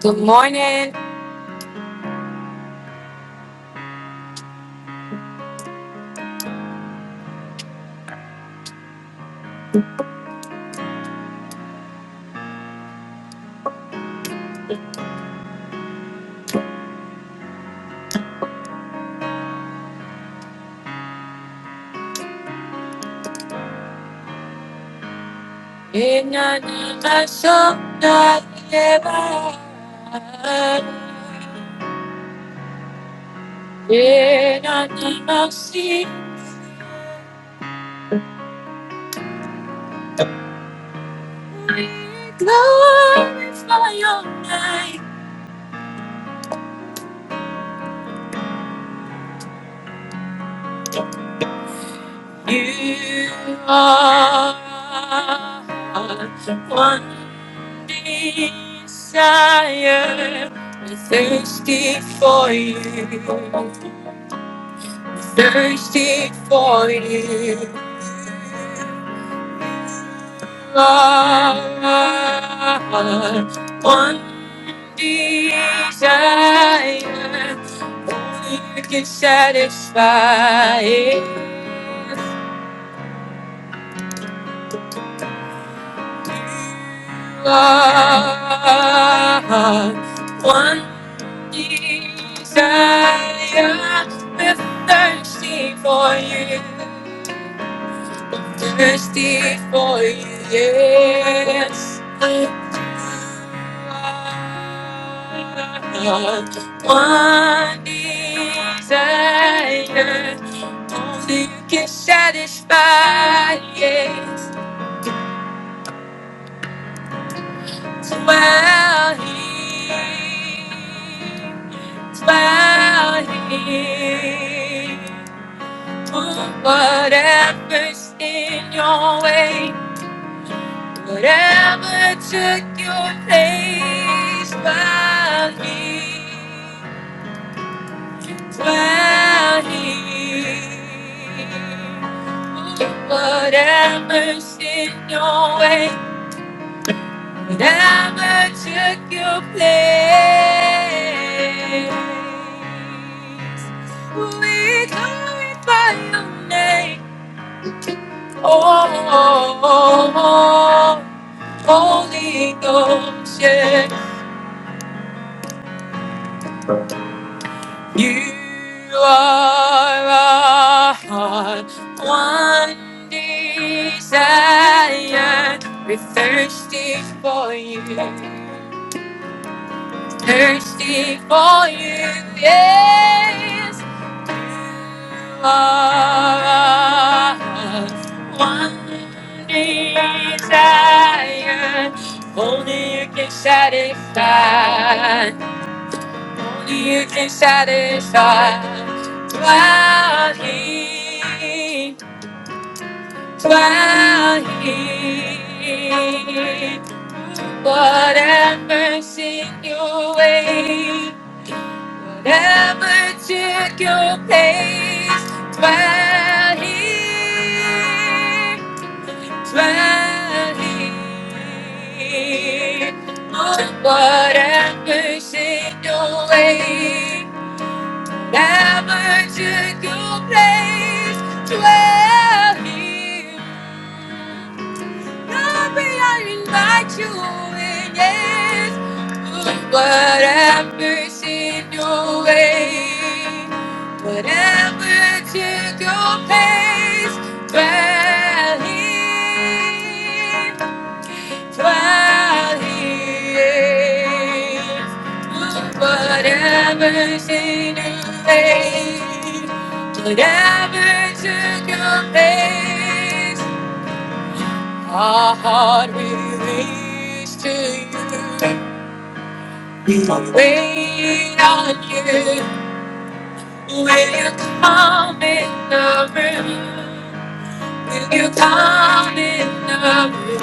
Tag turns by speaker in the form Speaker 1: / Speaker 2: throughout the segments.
Speaker 1: Good morning. In another song that never in another sea, we glorify your name. You are one desire. We're thirsty for you. We're Thirsty for you. Lord, one desire, only you can satisfy it. Lord, one desire, we're thirsty for you, thirsty for you, yes. One desire, only you can satisfy. Yes, dwell here, dwell here. Do whatever's in your way, whatever took your place, dwell here. while here. Whatever's in your way, whatever took your place, we glorify your name. Oh, oh, oh, oh, Holy Ghost, yeah. You are our one desire. We're thirsty for you, thirsty for you, yes. You are our one desire. Only you can satisfy. Only you can satisfy. While he, while he, whatever's in your way, whatever took your place, while he, while he, whatever's in your way. Thy magical place dwell here. Lord, may I invite you in, yes. Ooh, Whatever sin your way, whatever took your place, dwell here. While he is. Whatever sin you made, whatever took your place, our heart release to you. We will wait on you. Will you come in the room? Will you come in the room?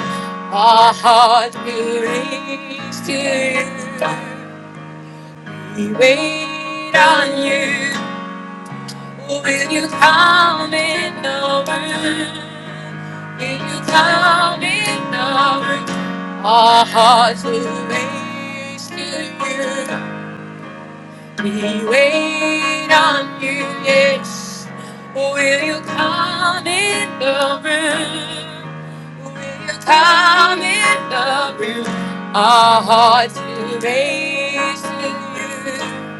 Speaker 1: Our heart will reach to you. We wait on you. Oh, will you come in the room? Will you come in the room? Our hearts will reach to you. We wait on you, yes. Will you come in the room? Will you come in the room? Our hearts will raise to you.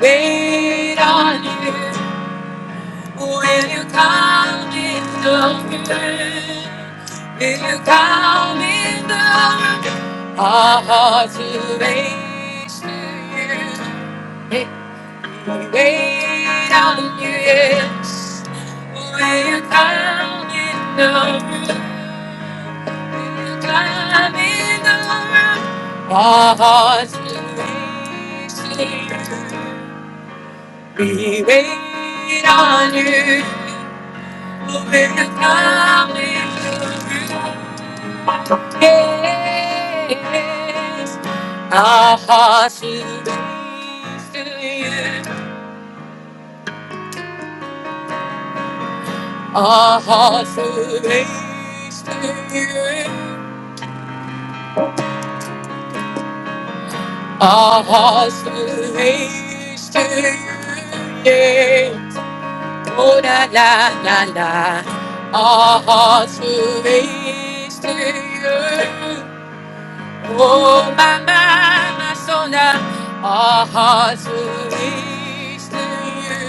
Speaker 1: Wait on you. Will you come in the room? Will you come in the room? Our hearts will raise to you. Hey. Wait on you, yes. We're climbing the We're climbing over, Our Hearts will wait. We wait on you. We're climbing the Yes, our hearts will raise to you. Our hearts will are you. Our hearts will are hasting. Yeah. Oh la la la la. Our hearts will are you. Oh, my mind, my soul, now our hearts will reach to you.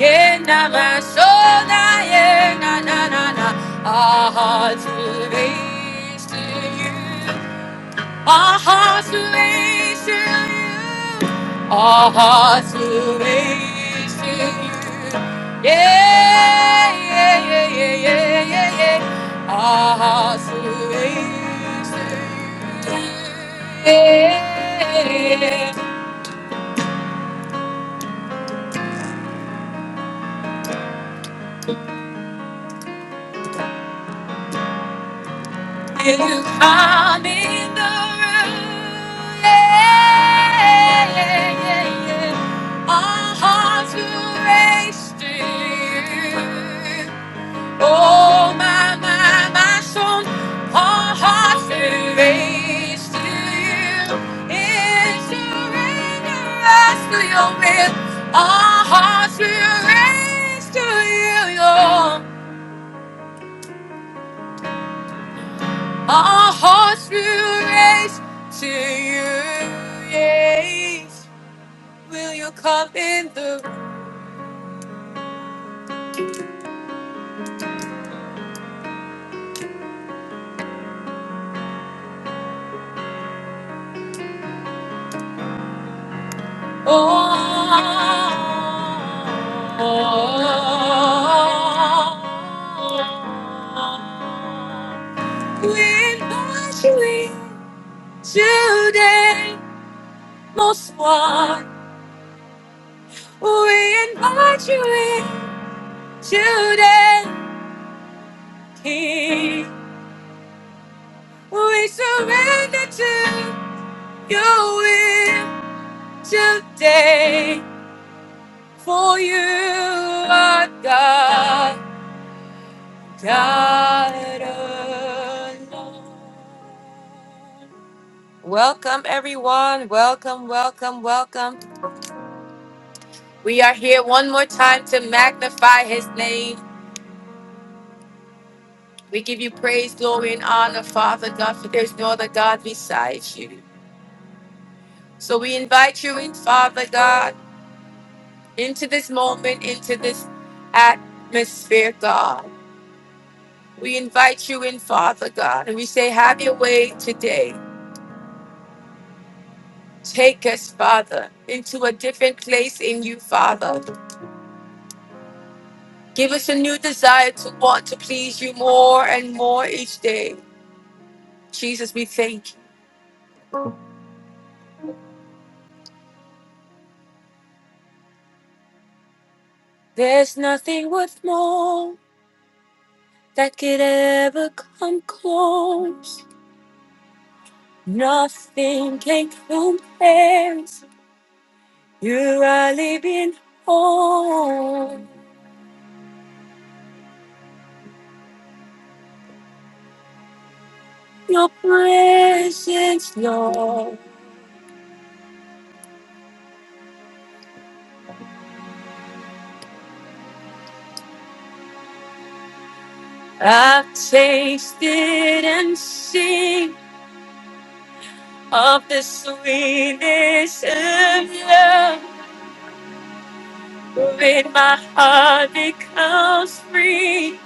Speaker 1: Yeah, now my soul, now, yeah, na, na, na, na, our hearts will reach to you. Our hearts relate to you. Our hearts relate to you. Yeah, yeah, yeah, yeah, yeah, yeah, yeah. Our hearts relate to you. Yeah, you come in the room. Yeah, yeah, yeah, yeah. Our hearts will race to you. Oh my my my soul, all hearts raised to you in surrender us to your will. All hearts will raise to you, Lord. All hearts will raise to you. Yes, will you come in the Oh, wind wash me today, most one. Wind wash me today, King. We surrender to your will today, for you are God. God alone. Welcome, everyone. Welcome, welcome, welcome. We are here one more time to magnify his name. We give you praise, glory, and honor, Father God, for there's no other God besides you. So we invite you in, Father God, into this moment, into this atmosphere, God. We invite you in, Father God, and we say, Have your way today. Take us, Father, into a different place in you, Father. Give us a new desire to want to please you more and more each day. Jesus, we thank you. There's nothing worth more that could ever come close. Nothing can compare. You are living home. Your presence, Lord. I've tasted and seen of the sweetness of love. when my heart becomes free,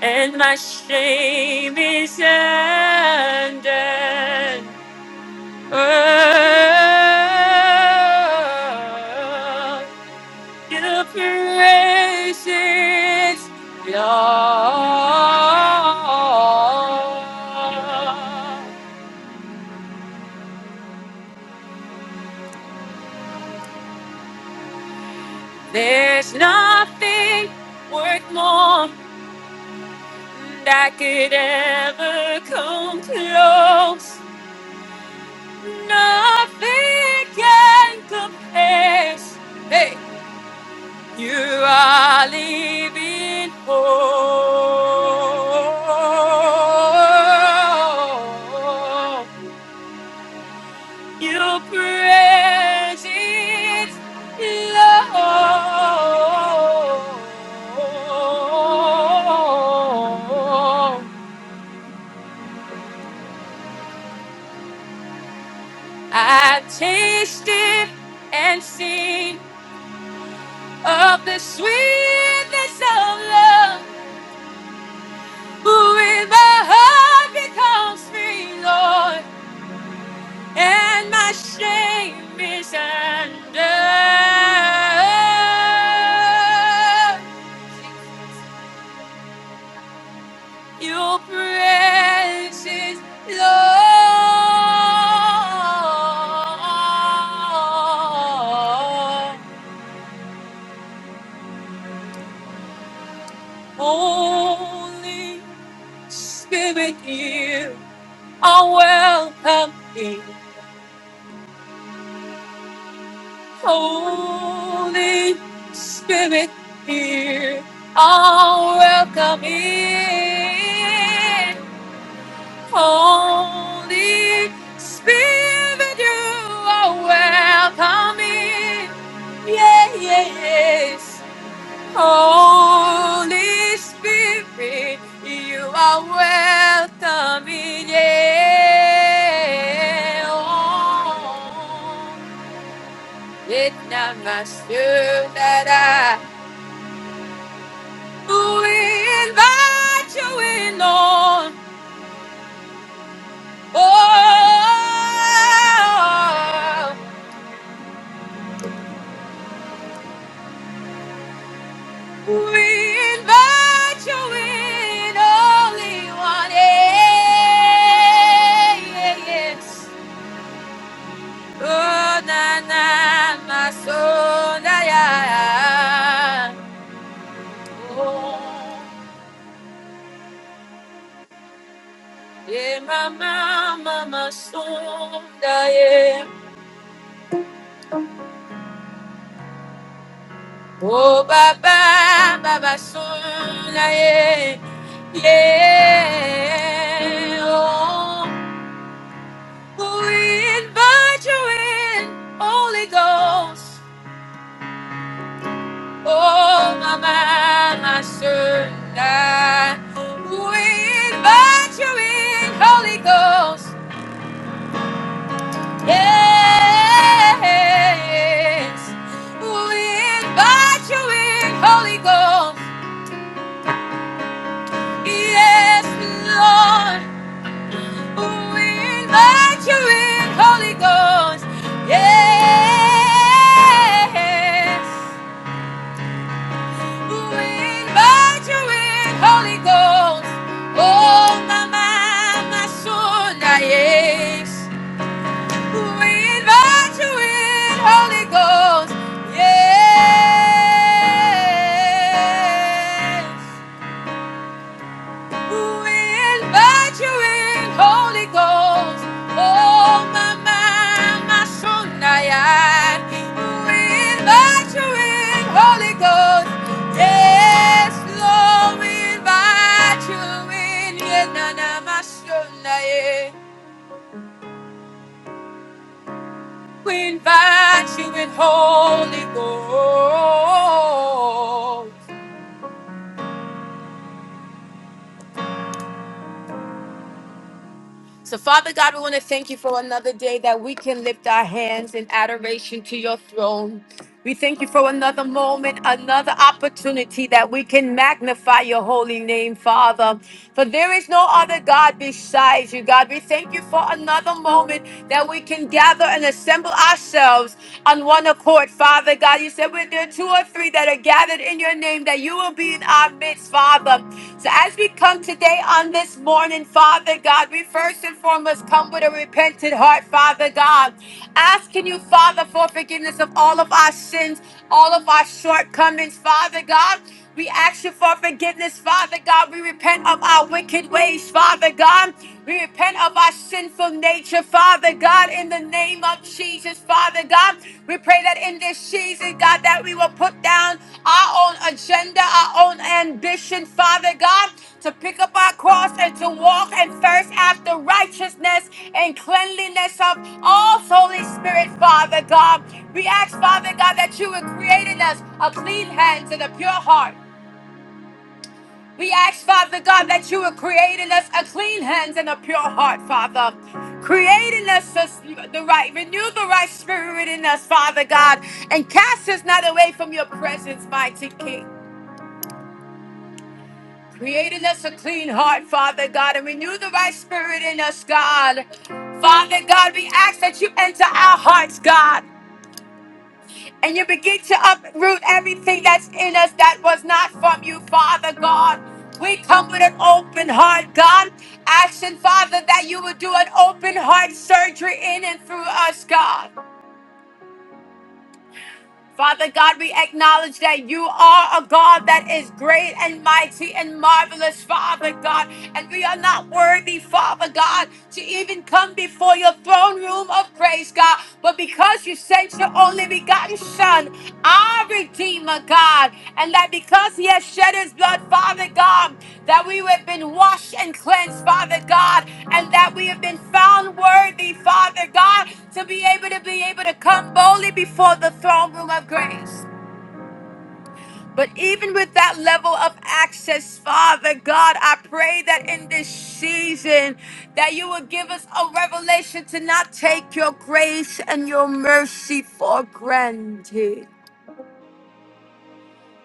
Speaker 1: and my shame is undone. Oh, your praises, Lord. There's nothing worth more and I could ever come close. Nothing can compare. Hey, you are living hope. Your presence, Lord. I have tasted and seen of the sweetness of love, who with my heart becomes free, Lord, and my shame is under your precious Lord. Holy Spirit, you are welcome here. Holy Spirit, you are welcome here. Holy Spirit, you are welcome here. Yeah, yeah, yes. Holy Spirit, you are welcome in here. It's not my spirit that I we invite you in on. Oh, we invite you in, only one. Yeah, yeah, yeah. Oh, na na, my soul, na ya. Oh, yeah, mama, mama, soul, na yeah. Oh, baba, baba, soul, na yeah. Yeah, oh, we invite you in, Holy Ghost. Oh, my man, I serve that. We invite you in, Holy Ghost. Yes. We invite you in, Holy Ghost. Yes, Lord. We invite you in, Holy Ghost. Yes. Invite you in, Holy Ghost. Oh, my, my, my son, yes. We invite you in, Holy Ghost. Yes invite you in, Holy Ghost. Oh, my, my, my son, I am. We invite you in, Holy Ghost. Yes, Lord, we invite you in. Yeah, my son, I am. We invite you in, Holy Ghost. So, Father God, we want to thank you for another day that we can lift our hands in adoration to your throne. We thank you for another moment, another opportunity that we can magnify your holy name, Father. For there is no other God besides you, God. We thank you for another moment that we can gather and assemble ourselves on one accord, Father God. You said, when there are two or three that are gathered in your name, that you will be in our midst, Father. So as we come today on this morning, Father God, we first and foremost come with a repentant heart, Father God, asking you, Father, for forgiveness of all of our sins, all of our shortcomings, Father God. We ask you for forgiveness, Father God. We repent of our wicked ways, Father God. We repent of our sinful nature, Father God, in the name name of Jesus, Father God. We pray that in this season, God, that we will put down our own agenda, our own ambition, Father God, to pick up our cross and to walk and thirst after righteousness and cleanliness of all Holy Spirit, Father God. We ask, Father God, that you would create in us a clean hands and a pure heart. We ask, Father God, that you would create in us a clean hands and a pure heart, Father. Create in us this- the right, renew the right spirit in us, Father God, and cast us not away from your presence, mighty King. Create in us a clean heart, Father God, and renew the right spirit in us, God. Father God, we ask that you enter our hearts, God. and you begin to uproot everything that's in us that was not from you, Father God. We come with an open heart, God. Asking, Father, that you would do an open heart surgery in and through us, God. Father God, we acknowledge that you are a God that is great and mighty and marvelous, Father God. And we are not worthy, Father God, to even come before your throne room of grace, God. But because you sent your only begotten Son, our Redeemer, God, and that because He has shed His blood, Father God, that we have been washed and cleansed, Father God, and that we have been found worthy, Father God, to be able to be able to come boldly before the throne room of grace. But even with that level of access, Father God, I pray that in this season that you will give us a revelation to not take your grace and your mercy for granted.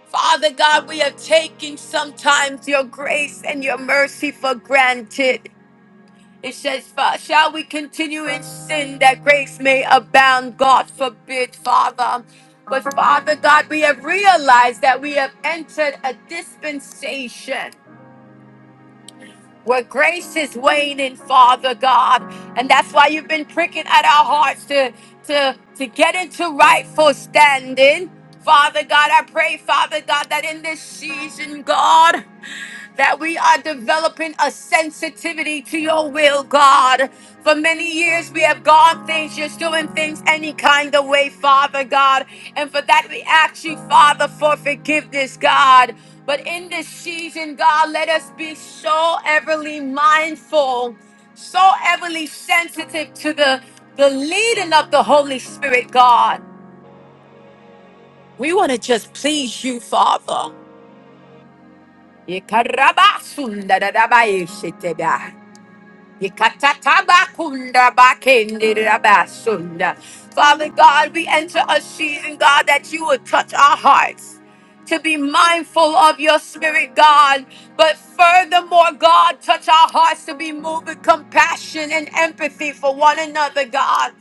Speaker 1: Father God, we are taking sometimes your grace and your mercy for granted. It says, "Fa- Shall we continue in sin that grace may abound? God forbid, Father. But Father God, we have realized that we have entered a dispensation where grace is waning, Father God. And that's why you've been pricking at our hearts to, to, to get into rightful standing. Father God, I pray, Father God, that in this season, God, that we are developing a sensitivity to your will, God. For many years, we have gone things, just doing things any kind of way, Father God. And for that, we ask you, Father, for forgiveness, God. But in this season, God, let us be so everly mindful, so everly sensitive to the, the leading of the Holy Spirit, God. We want to just please you, Father. Yekarabasundarabaeshiteba. Yekatatabakundabakendirabasunda. Father God, we enter a season, God, that you would touch our hearts. to be mindful of your spirit, God. But furthermore, God, touch our hearts to be moved with compassion and empathy for one another, God.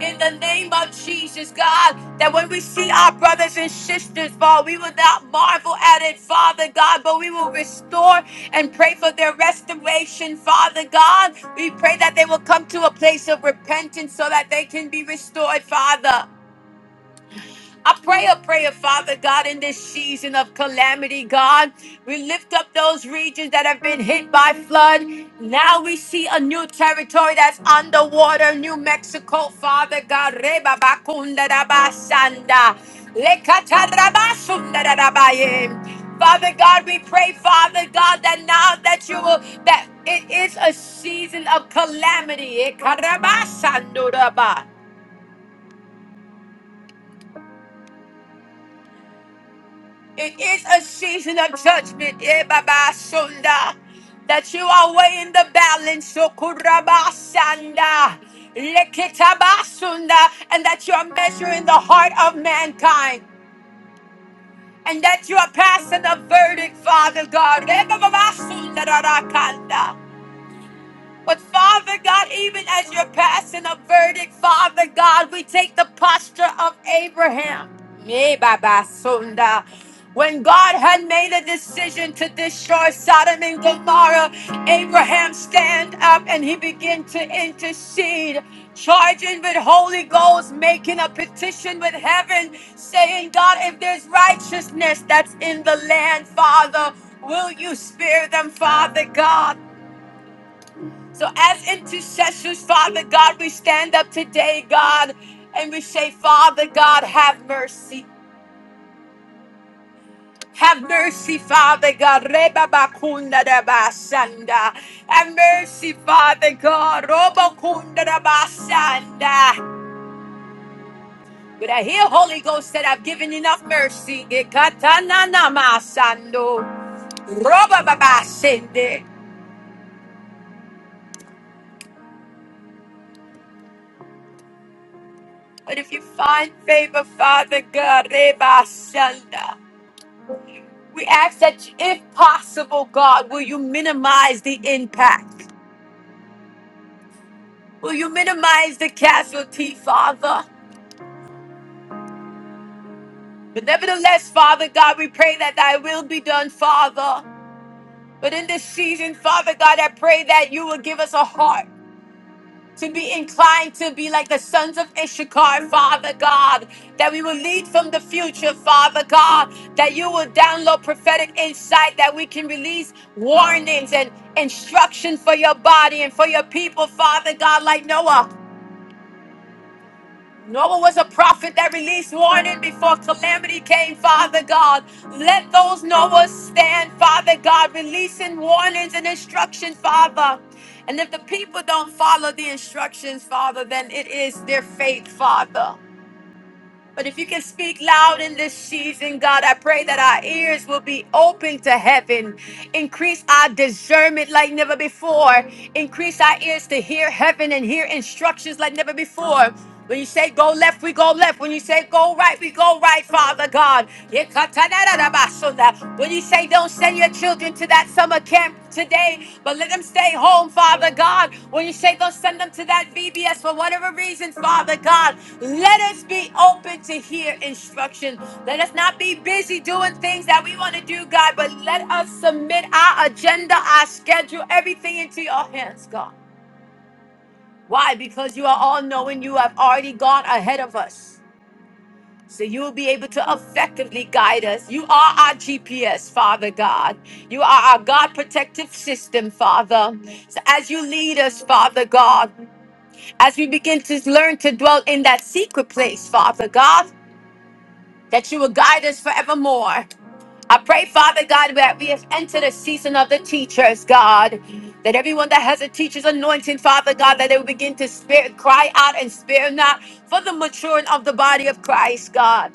Speaker 1: In the name of Jesus, God, that when we see our brothers and sisters fall, we will not marvel at it, Father God, but we will restore and pray for their restoration, Father God. We pray that they will come to a place of repentance so that they can be restored, Father. I pray a prayer, Father God, in this season of calamity, God. We lift up those regions that have been hit by flood. Now we see a new territory that's underwater, New Mexico, Father God. Reba bakunda da basanda. Lekatarabasunda da da baye. Father God, we pray, Father God, that now that you will, that it is a season of calamity. Eh, karabasanduraba. It is a season of judgment, eh, Baba Sunda, that you are weighing the balance, Sokuraba Sanda, Lekitaba Sunda, and that you are measuring the heart of mankind, and that you are passing a verdict, Father God. eh, Baba Sunda, Rarakanda. But Father God, even as you're passing a verdict, Father God, we take the posture of Abraham. Me, Baba Sunda. When God had made a decision to destroy Sodom and Gomorrah, Abraham stand up and he began to intercede, charging with Holy Ghost, making a petition with heaven, saying, God, if there's righteousness that's in the land, Father, Will you spare them, Father God? So, as intercessors, Father God, we stand up today, God, and we say, Father God, have mercy. Have mercy, Father God. Reba bakunda da basanda. Have mercy, Father God. Roba kunda da basanda. But I hear Holy Ghost that I've given enough mercy. Ikatana namasando. Roba baba But if you find favor, Father God, Reba sanda. We ask that, if possible, God, will you minimize the impact? Will you minimize the casualty, Father? But nevertheless, Father God, we pray that thy will be done, Father. But in this season, Father God, I pray that you will give us a heart. to be inclined to be like the sons of Issachar, Father God, that we will lead from the future, Father God, that you will download prophetic insight, that we can release warnings and instruction for your body and for your people, Father God, like Noah. Noah was a prophet that released warning before calamity came, Father God. Let those Noahs stand, Father God, releasing warnings and instructions, Father. And if the people don't follow the instructions, Father, then it is their fate, Father. But if you can speak loud in this season, God, I pray that our ears will be open to heaven. Increase our discernment like never before. Increase our ears to hear heaven and hear instructions like never before. When you say go left, we go left. When you say go right, we go right, Father God. When you say the don't send your children to that summer camp today, but let them stay home, Father God. When you say go send them to that VBS for whatever reason, Father God, let us be open to hear instruction. Let us not be busy doing things that we want to do, God, but let us submit our agenda, our schedule, everything into your hands, God. Why? Because you are all knowing you have already gone ahead of us. So you will be able to effectively guide us. You are our GPS, Father God. You are our God protective system, Father. So as you lead us, Father God, as we begin to learn to dwell in that secret place, Father God, that you will guide us forevermore. I pray, Father God, that we have entered a season of the teachers, God. That everyone that has a teacher's anointing, Father God, that they will begin to spare, cry out and spare not for the maturing of the body of Christ, God.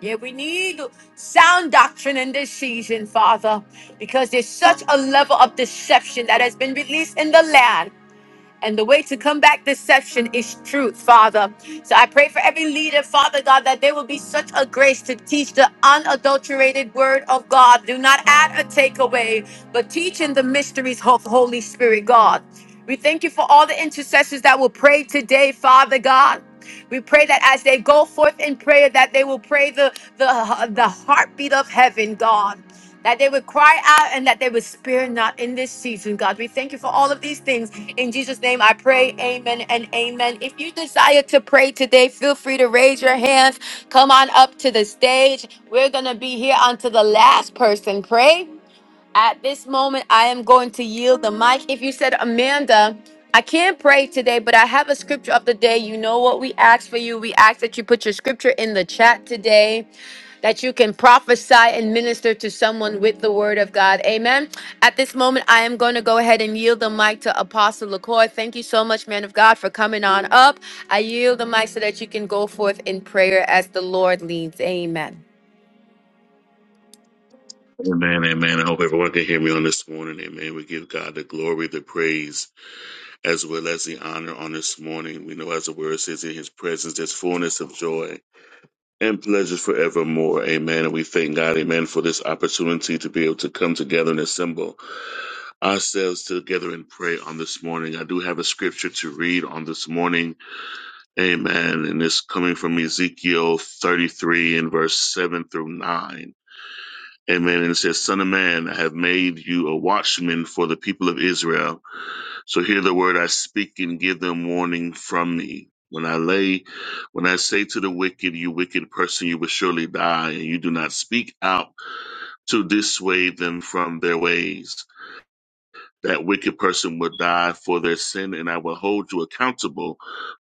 Speaker 1: Yeah, we need sound doctrine in this season, Father, because there's such a level of deception that has been released in the land. And the way to combat deception is truth, Father. So I pray for every leader, Father God, that there will be such a grace to teach the unadulterated word of God. Do not add or take away, but teach in the mysteries of Holy Spirit, God. We thank you for all the intercessors that will pray today, Father God. We pray that as they go forth in prayer, that they will pray the, the, the heartbeat of heaven, God that they would cry out and that they would spare not in this season, God. We thank you for all of these things. In Jesus' name, I pray, amen and amen. If you desire to pray today, feel free to raise your hands. Come on up to the stage. We're going to be here until the last person pray. At this moment, I am going to yield the mic. If you said, Amanda, I can't pray today, but I have a scripture of the day. You know what we ask for you. We ask that you put your scripture in the chat today that you can prophesy and minister to someone with the word of God. Amen. At this moment, I am going to go ahead and yield the mic to Apostle LaCoy. Thank you so much, man of God, for coming on up. I yield the mic so that you can go forth in prayer as the Lord leads. Amen.
Speaker 2: Amen, amen. I hope everyone can hear me on this morning. Amen. We give God the glory, the praise, as well as the honor on this morning. We know, as the word says, in his presence, there's fullness of joy and pleasures forevermore. Amen. And we thank God, amen, for this opportunity to be able to come together and assemble ourselves together and pray on this morning. I do have a scripture to read on this morning. Amen. And it's coming from Ezekiel 33 and verse 7 through 9. Amen. And it says, Son of man, I have made you a watchman for the people of Israel. So hear the word I speak and give them warning from me. When I lay, when I say to the wicked, you wicked person, you will surely die, and you do not speak out to dissuade them from their ways. That wicked person will die for their sin, and I will hold you accountable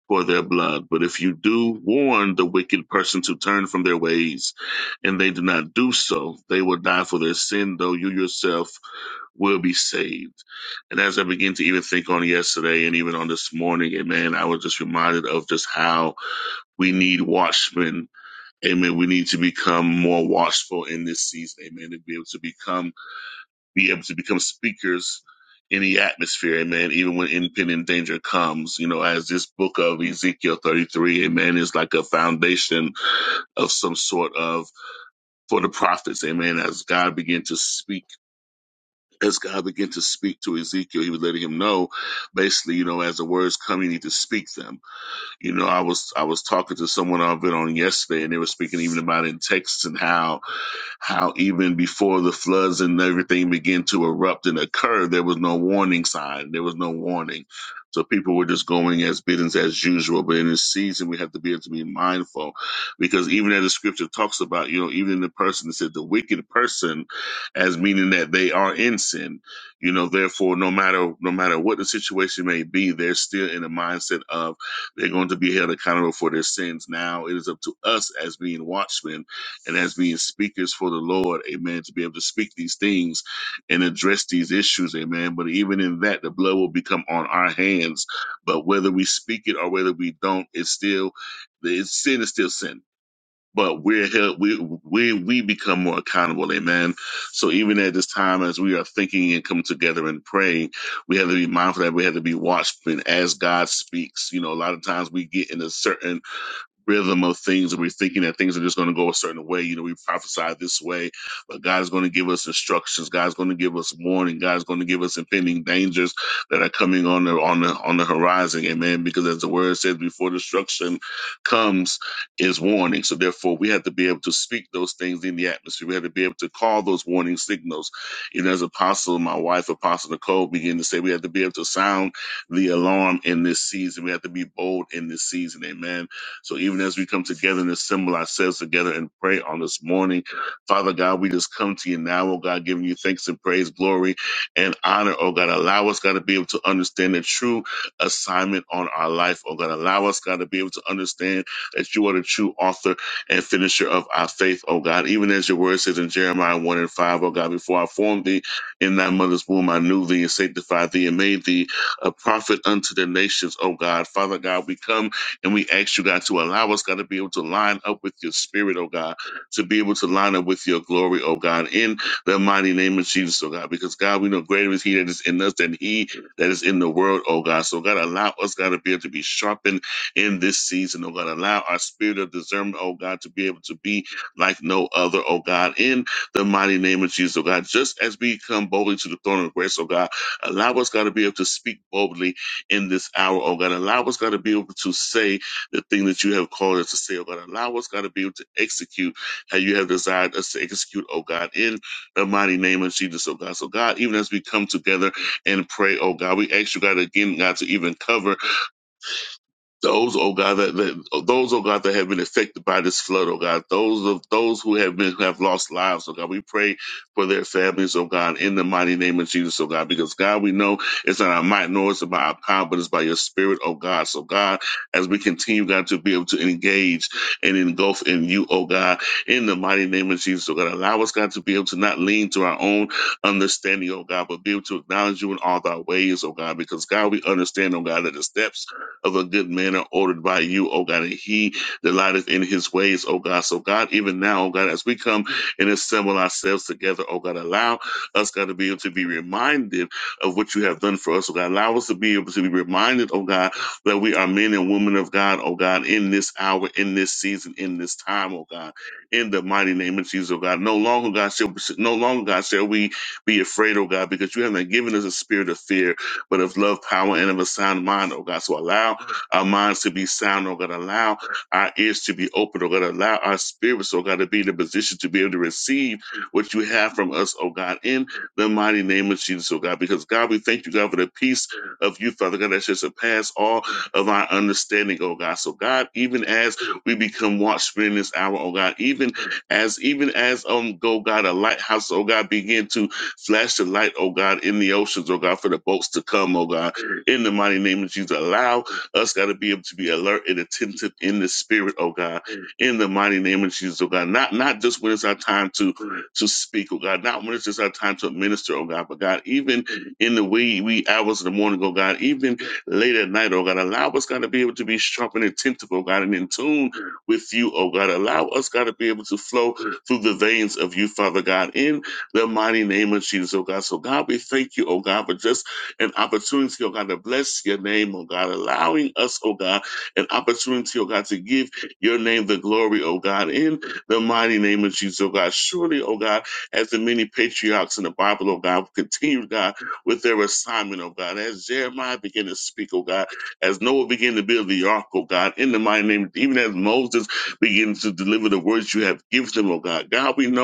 Speaker 2: for their blood. But if you do warn the wicked person to turn from their ways, and they do not do so, they will die for their sin, though you yourself will be saved. And as I begin to even think on yesterday and even on this morning, amen, I was just reminded of just how we need watchmen. Amen. We need to become more watchful in this season. Amen. To be able to become be able to become speakers in the atmosphere, amen, even when impending danger comes. You know, as this book of Ezekiel 33, amen, is like a foundation of some sort of for the prophets, amen, as God began to speak. As God began to speak to Ezekiel, he was letting him know, basically, you know, as the words come, you need to speak them. You know, I was I was talking to someone I've been on yesterday, and they were speaking even about in Texas and how how even before the floods and everything began to erupt and occur, there was no warning sign. There was no warning. So people were just going as business as usual. But in this season, we have to be able to be mindful because even as the scripture talks about, you know, even the person that said the wicked person as meaning that they are in sin, you know, therefore, no matter, no matter what the situation may be, they're still in the mindset of they're going to be held accountable for their sins. Now it is up to us as being watchmen and as being speakers for the Lord, amen, to be able to speak these things and address these issues, amen. But even in that, the blood will become on our hands. But whether we speak it or whether we don't, it's still it's sin is still sin. But we're held, we we we become more accountable, amen. So even at this time, as we are thinking and come together and praying, we have to be mindful that we have to be watchful as God speaks. You know, a lot of times we get in a certain rhythm of things and we're thinking that things are just going to go a certain way you know we prophesied this way but god's going to give us instructions god's going to give us warning god's going to give us impending dangers that are coming on the on the on the horizon amen because as the word says before destruction comes is warning so therefore we have to be able to speak those things in the atmosphere we have to be able to call those warning signals you know as apostle my wife apostle nicole began to say we have to be able to sound the alarm in this season we have to be bold in this season amen so even as we come together and assemble ourselves together and pray on this morning, Father God, we just come to you now, oh God, giving you thanks and praise, glory, and honor, oh God. Allow us, God, to be able to understand the true assignment on our life, oh God. Allow us, God, to be able to understand that you are the true author and finisher of our faith, oh God. Even as your word says in Jeremiah 1 and 5, oh God, before I formed thee in thy mother's womb, I knew thee and sanctified thee and made thee a prophet unto the nations, oh God. Father God, we come and we ask you, God, to allow us, God, to be able to line up with your spirit, oh God, to be able to line up with your glory, oh God, in the mighty name of Jesus, oh God, because God, we know greater is He that is in us than He that is in the world, oh God. So, God, allow us, God, to be able to be sharpened in this season, oh God. Allow our spirit of discernment, oh God, to be able to be like no other, oh God, in the mighty name of Jesus, oh God. Just as we come boldly to the throne of grace, oh God, allow us, God, to be able to speak boldly in this hour, oh God. Allow us, God, to be able to say the thing that you have called us to say, oh God. Allow us, God, to be able to execute how you have desired us to execute, oh God, in the mighty name of Jesus, oh God. So, God, even as we come together and pray, oh God, we ask you, God, again, God, to even cover. Those, oh God, that, that those, oh God, that have been affected by this flood, oh God, those of those who have been who have lost lives, oh God, we pray for their families, oh God, in the mighty name of Jesus, oh God, because God, we know it's not our might nor it's by our power, but it's by your Spirit, oh God. So God, as we continue, God, to be able to engage and engulf in you, oh God, in the mighty name of Jesus, oh God, allow us, God, to be able to not lean to our own understanding, oh God, but be able to acknowledge you in all thy ways, oh God, because God, we understand, oh God, that the steps of a good man are ordered by you, oh God, and he delighteth in his ways, oh God. So, God, even now, oh God, as we come and assemble ourselves together, oh God, allow us, God, to be able to be reminded of what you have done for us, oh God. Allow us to be able to be reminded, oh God, that we are men and women of God, oh God, in this hour, in this season, in this time, oh God, in the mighty name of Jesus, oh God. No longer, God, shall, no longer, God, shall we be afraid, oh God, because you have not given us a spirit of fear but of love, power, and of a sound mind, oh God. So allow our minds to be sound, oh God. Allow our ears to be open, oh God. Allow our spirits, oh God, to be in a position to be able to receive what you have from us, oh God, in the mighty name of Jesus, oh God. Because God, we thank you, God, for the peace of you, Father God, that should surpass all of our understanding, oh God. So God, even as we become watchmen in this hour, oh God, even as even as um go God, a lighthouse, oh God, begin to Flash the light, oh God, in the oceans, oh God, for the boats to come, oh God. In the mighty name of Jesus, allow us, God, to be able to be alert and attentive in the spirit, oh God. In the mighty name of Jesus, oh God. Not not just when it's our time to to speak, oh God. Not when it's just our time to administer, oh God. But God, even in the wee wee hours of the morning, oh God. Even late at night, oh God. Allow us, God, to be able to be sharp and attentive, oh God, and in tune with you, oh God. Allow us, God, to be able to flow through the veins of you, Father God. in the mighty name of Jesus, oh God. So, God, we thank you, oh God, for just an opportunity, oh God, to bless your name, oh God, allowing us, oh God, an opportunity, oh God, to give your name the glory, oh God, in the mighty name of Jesus, oh God. Surely, oh God, as the many patriarchs in the Bible, oh God, continue, God, with their assignment, oh God, as Jeremiah began to speak, oh God, as Noah began to build the ark, oh God, in the mighty name, even as Moses began to deliver the words you have given them, oh God. God, we know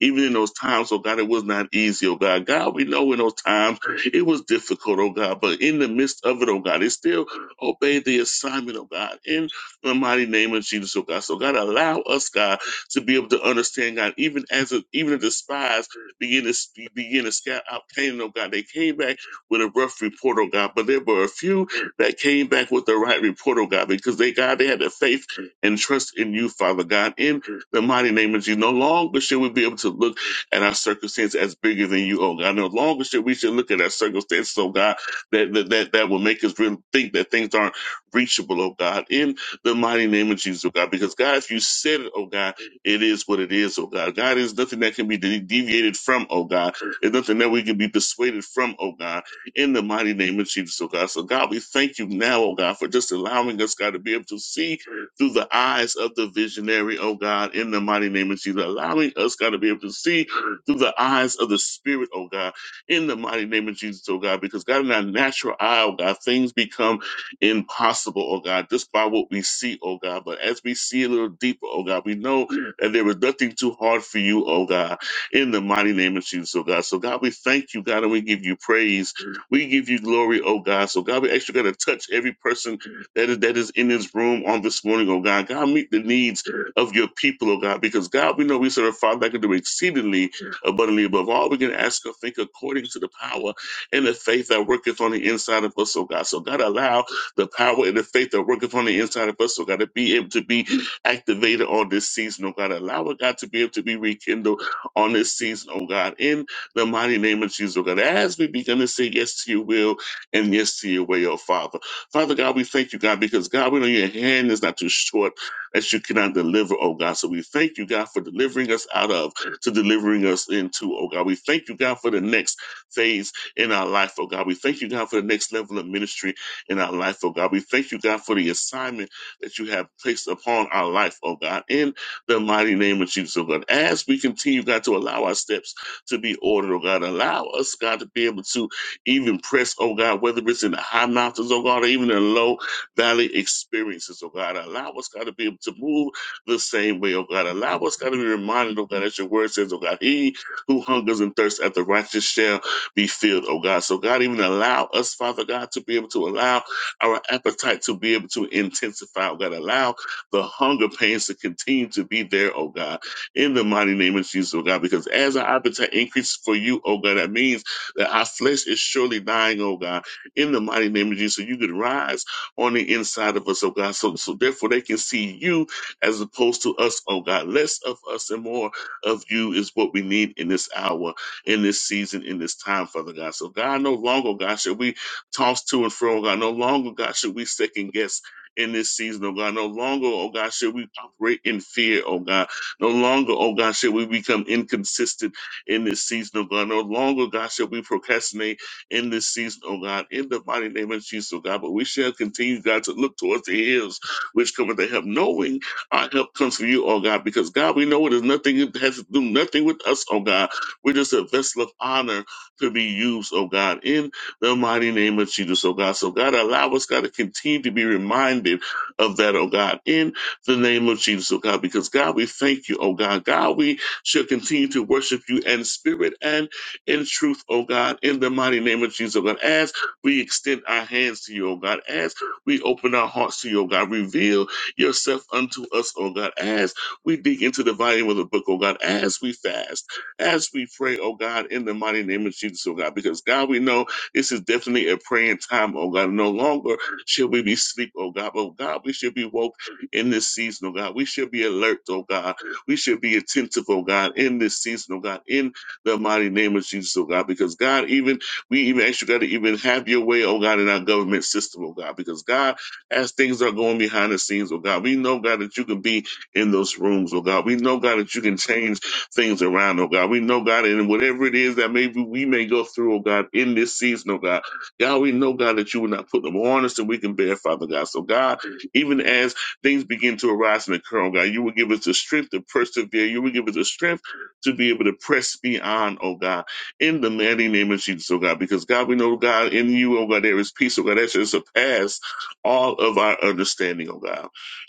Speaker 2: even in those times, oh God, it was not easy, oh God. God, we know in those times it was difficult, oh God, but in the midst of it, oh God, they still obeyed the assignment, oh God, in the mighty name of Jesus, oh God. So God, allow us, God, to be able to understand, God, even as a, even if the spies begin to sp- begin to scout out Canaan, oh God, they came back with a rough report, oh God, but there were a few that came back with the right report, oh God, because they, God, they had the faith and trust in you, Father God. in the mighty name of Jesus. No longer should we be able to look at our circumstance as bigger than you, oh God. No longer should we should look at our circumstances, oh God, that that that, that will make us really think that things aren't reachable, oh God, in the mighty name of Jesus, oh God. Because God, if you said it, oh God, it is what it is, oh God. God is nothing that can be de- deviated from, oh God. It's nothing that we can be persuaded from, oh God, in the mighty name of Jesus, oh God. So God, we thank you now, oh God, for just allowing us, God, to be able to see through the eyes of the visionary, oh God, in the mighty name of Jesus. Allowing us, God, to be able to see through the eyes of the Spirit, oh God, in the mighty name of Jesus, oh God, because God, in our natural eye, oh God, things become impossible, oh God, just by what we see, oh God. But as we see a little deeper, oh God, we know that there is nothing too hard for you, oh God, in the mighty name of Jesus, oh God. So, God, we thank you, God, and we give you praise. We give you glory, oh God. So, God, we actually got to touch every person that is, that is in this room on this morning, oh God. God, meet the needs of your people, oh God, because God, we know we serve a Father that can do exceedingly abundantly above all we can ask or think according to the power and the faith that worketh on the inside of us, oh God. So God, allow the power and the faith that worketh on the inside of us, oh God, to be able to be activated on this season, oh God. Allow it, God, to be able to be rekindled on this season, oh God, in the mighty name of Jesus, oh God. As we begin to say yes to your will and yes to your way, oh Father. Father God, we thank you, God, because God, we know your hand is not too short that you cannot deliver, oh God. So we thank you, God, for delivering us out of to delivering us into, oh God. We thank you, God, for the next phase in our life, oh God. We thank you, God, for the next level of ministry in our life, oh God. We thank you, God, for the assignment that you have placed upon our life, oh God, in the mighty name of Jesus, oh God. As we continue, God, to allow our steps to be ordered, oh God, allow us, God, to be able to even press, oh God, whether it's in the high mountains, oh God, or even in low valley experiences, oh God. Allow us, God, to be able to move the same way, oh God. Allow us, God, to be reminded, oh God, as your word says, oh God, he who hungers and thirsts after righteousness shall be filled, oh God. So, God, even allow us, Father God, to be able to allow our appetite to be able to intensify, oh God. Allow the hunger pains to continue to be there, oh God, in the mighty name of Jesus, oh God, because as our appetite increases for you, oh God, that means that our flesh is surely dying, oh God, in the mighty name of Jesus. So you could rise on the inside of us, oh God. So, so therefore they can see you as opposed to us, oh God. Less of us and more of you is what we need in this hour, in this season, in this time, Father God. So God, no longer, oh God, should we toss to and fro, oh God. No longer, oh God, should we second guess in this season, oh God. No longer, oh God, should we operate in fear, oh God. No longer, oh God, should we become inconsistent in this season, oh God. No longer, God, shall we procrastinate in this season, oh God, in the mighty name of Jesus, oh God. But we shall continue, God, to look towards the hills which cometh to help, knowing our help comes from you, oh God, because God, we know it is nothing, it has to do nothing with us, oh God. We're just a vessel of honor to be used, oh God, in the mighty name of Jesus, oh God. So God, allow us, God, to continue to be reminded of that, oh God, in the name of Jesus, oh God, because God, we thank you, oh God. God, we shall continue to worship you in spirit and in truth, O God, in the mighty name of Jesus, O God. As we extend our hands to you, O God, as we open our hearts to you, O God, reveal yourself unto us, O God, as we dig into the volume of the book, O God, as we fast, as we pray, O God, in the mighty name of Jesus, O God, because God, we know this is definitely a praying time, O God. No longer shall we be asleep, O God, but God, we should be woke in this season, O God. We should be alert, O God. We should be attentive, oh God, in this season, oh God, in the mighty name of Jesus, oh God, because God, even we even ask you, God, to even have your way, oh God, in our government system, oh God, because God, as things are going behind the scenes, oh God, we know, God, that you can be in those rooms, oh God. We know, God, that you can change things around, oh God. We know, God, and whatever it is that maybe we may go through, oh God, in this season, oh God, God, we know, God, that you will not put them on us that we can bear, Father God. So, God, even as things begin to arise and occur, oh God. You will give us the strength to persevere. You will give us the strength to be able to press beyond, oh God, in the mighty name of Jesus, oh God. Because God, we know, oh God, in you, oh God, there is peace, oh God, that should surpass all of our understanding, oh God.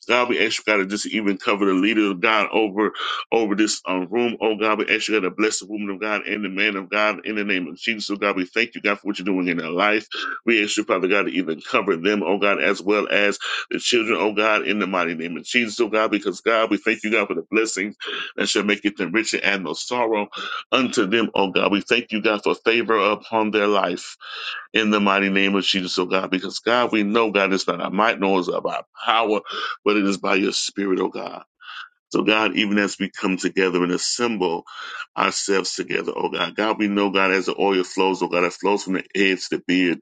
Speaker 2: God, we ask you, God, to just even cover the leader of God over over this um, room, oh God. We ask you, God, to bless the woman of God and the man of God in the name of Jesus, oh God. We thank you, God, for what you're doing in their life. We ask you, Father God, to even cover them, oh God, as well as the children, oh God, in the mighty name of Jesus, oh God, because God, we thank you, God, for the blessings that shall make it richer and no sorrow unto them, oh God. We thank you, God, for favor upon their life in the mighty name of Jesus, oh God, because God, we know, God, it's not our might, nor is it by our power, but it is by your spirit, oh God. So God, even as we come together and assemble ourselves together, oh God, God, we know, God, as the oil flows, oh God, it flows from the edge, to the beard,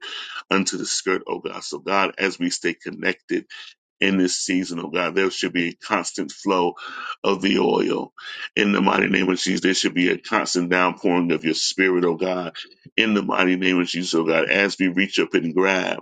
Speaker 2: unto the skirt, oh God. So God, as we stay connected, in this season, oh God. There should be a constant flow of the oil. In the mighty name of Jesus, there should be a constant downpouring of your spirit, oh God. In the mighty name of Jesus, oh God, as we reach up and grab,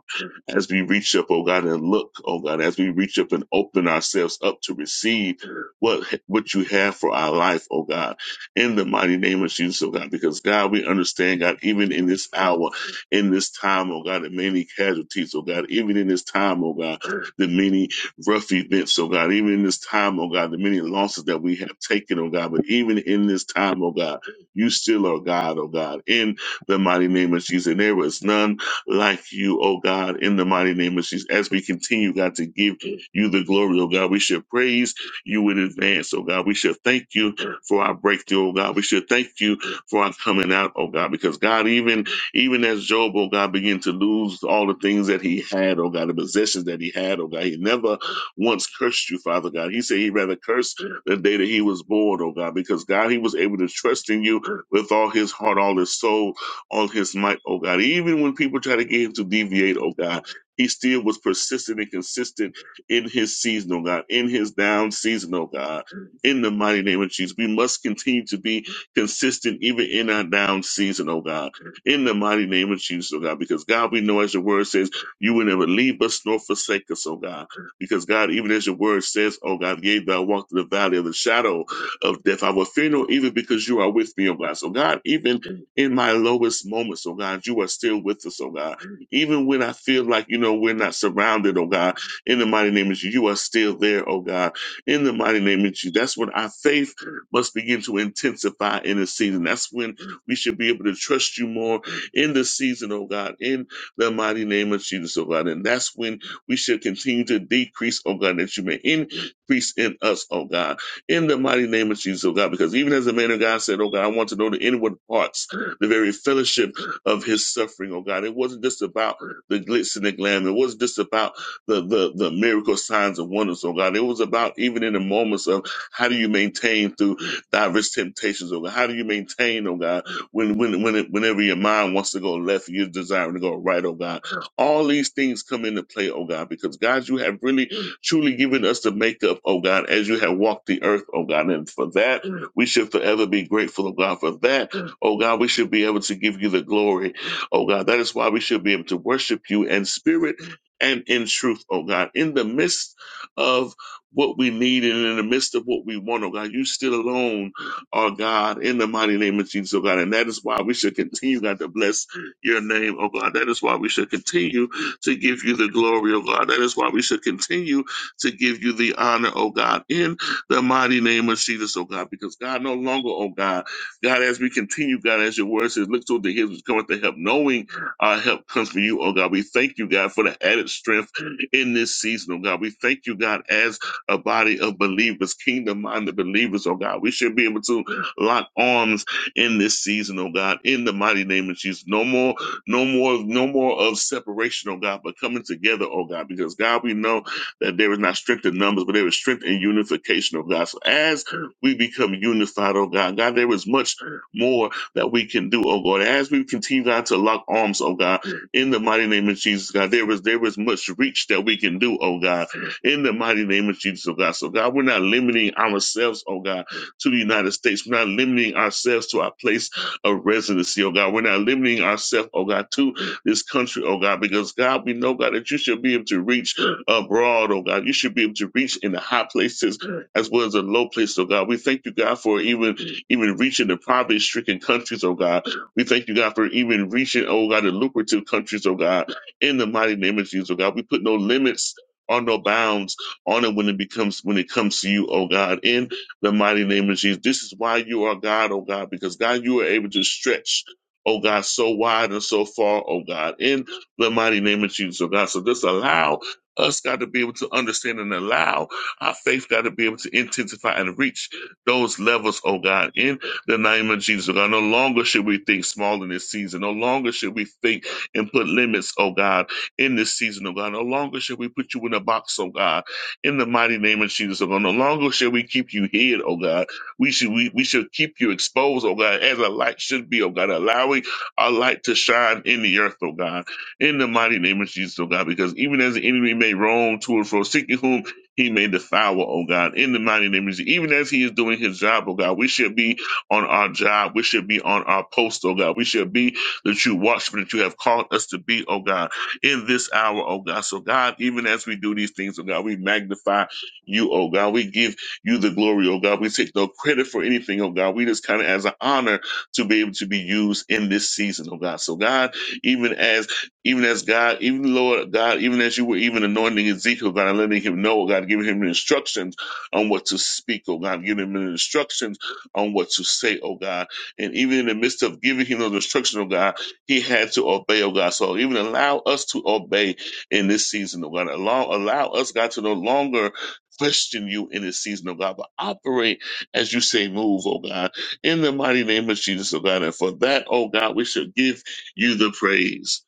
Speaker 2: as we reach up, oh God, and look, oh God, as we reach up and open ourselves up to receive what, what you have for our life, oh God. In the mighty name of Jesus, oh God, because God, we understand, God, even in this hour, in this time, oh God, the many casualties, oh God, even in this time, oh God, the many rough events, oh God, even in this time, oh God, the many losses that we have taken, oh God, but even in this time, oh God, you still are God, oh God, in the mighty name of Jesus. And there is none like you, oh God, in the mighty name of Jesus. As we continue, God, to give you the glory, oh God, we should praise you in advance, oh God. We should thank you for our breakthrough, oh God. We should thank you for our coming out, oh God, because God, even even as Job, oh God, began to lose all the things that he had, oh God, the possessions that he had, oh God, he never once cursed you, Father God. He said he would rather curse the day that he was born, oh God, because God, he was able to trust in you with all his heart, all his soul, all his might, oh God. Even when people try to get him to deviate, oh God. He still was persistent and consistent in his season, oh God, in his down season, oh God. In the mighty name of Jesus, we must continue to be consistent even in our down season, oh God. In the mighty name of Jesus, oh God, because God, we know as your word says, you will never leave us nor forsake us, oh God. Because God, even as your word says, oh God, yea, thou walk through the valley of the shadow of death. I will fear no evil because you are with me, oh God. So God, even in my lowest moments, oh God, you are still with us, oh God. Even when I feel like, you know, we're not surrounded, oh God, in the mighty name of Jesus, you are still there, oh God. In the mighty name of Jesus. That's when our faith must begin to intensify in this season. That's when we should be able to trust you more in this season, oh God, in the mighty name of Jesus, oh God. And that's when we should continue to decrease, oh God, that you may increase in us, oh God, in the mighty name of Jesus, oh God, because even as the man of God said, oh God, I want to know the inward parts, the very fellowship of his suffering, oh God. It wasn't just about the glitz and the glam. It wasn't just about the, the, the miracle signs and wonders, oh God. It was about even in the moments of how do you maintain through diverse temptations, oh God. How do you maintain, oh God, when, when, when it, whenever your mind wants to go left, you're desiring to go right, oh God. All these things come into play, oh God, because God, you have really truly given us the makeup, oh God, as you have walked the earth, oh God. And for that, we should forever be grateful, oh God, for that. Oh God, we should be able to give you the glory, oh God. That is why we should be able to worship you in spirit and in truth, oh God. In the midst of what we need and in the midst of what we want, oh God, you still alone are God in the mighty name of Jesus, oh God. And that is why we should continue, God, to bless your name, oh God. That is why we should continue to give you the glory, oh God. That is why we should continue to give you the honor, oh God, in the mighty name of Jesus, oh God. Because God, no longer, oh God, God, as we continue, God, as your word says, look to the hills which cometh to help, knowing our help comes from you, oh God. We thank you, God, for the added strength in this season, oh God. We thank you, God, as a body of believers, kingdom minded believers, oh God. We should be able to lock arms in this season, oh God, in the mighty name of Jesus. No more, no more, no more of separation, oh God, but coming together, oh God, because God, we know that there is not strength in numbers, but there is strength in unification, oh God. So as we become unified, oh God, God, there is much more that we can do, oh God. As we continue, God, to lock arms, oh God, in the mighty name of Jesus, God, there is there is much reach that we can do, oh God, in the mighty name of Jesus, oh God. So God, we're not limiting ourselves, oh God to the United States. We're not limiting ourselves to our place of residency, oh God. We're not limiting ourselves, oh God, to this country, oh God, because God, we know, God, that you should be able to reach abroad, oh God. You should be able to reach in the high places as well as the low places, oh God. We thank you, God, for even even reaching the poverty stricken countries, oh God. We thank you, God, for even reaching, oh God, the lucrative countries, oh God, in the mighty name of Jesus, oh God. We put no limits. or no bounds on it when it becomes when it comes to you, oh God. In the mighty name of Jesus. This is why you are God, oh God, because God, you are able to stretch, oh God, so wide and so far, oh God, in the mighty name of Jesus, oh God. So just allow us, God, to be able to understand and allow our faith, God, to be able to intensify and reach those levels, oh God, in the name of Jesus, oh God. No longer should we think small in this season. No longer should we think and put limits, oh God, in this season, oh God. No longer should we put you in a box, oh God in the mighty name of Jesus, O God. No longer shall we keep you hid, O God. We should we, we should keep you exposed, O God, as a light should be, O God, allowing our light to shine in the earth, O God. In the mighty name of Jesus, O God, because even as the enemy may roam to and fro, seeking whom he may devour, O God, in the mighty name of Jesus. Even as he is doing his job, O God, we should be on our job. We should be on our post, O God. We should be the true watchmen that you have called us to be, O God in this hour, oh God. So, God, even as we do these things, oh God, we magnify you, oh God. We give you the glory, oh God. We take no credit for anything, oh God. We just kind of as an honor to be able to be used in this season, oh God. So, God, even as even as God, even Lord God, even as you were even anointing Ezekiel, God, and letting him know, oh God, giving him instructions on what to speak, oh God, giving him instructions on what to say, oh God. And even in the midst of giving him those instructions, oh God, he had to obey, oh God. So even allow us to obey in this season, oh God. Allow, allow us, God, to no longer question you in this season, oh God, but operate as you say move, oh God, in the mighty name of Jesus, oh God. And for that, oh God, we should give you the praise.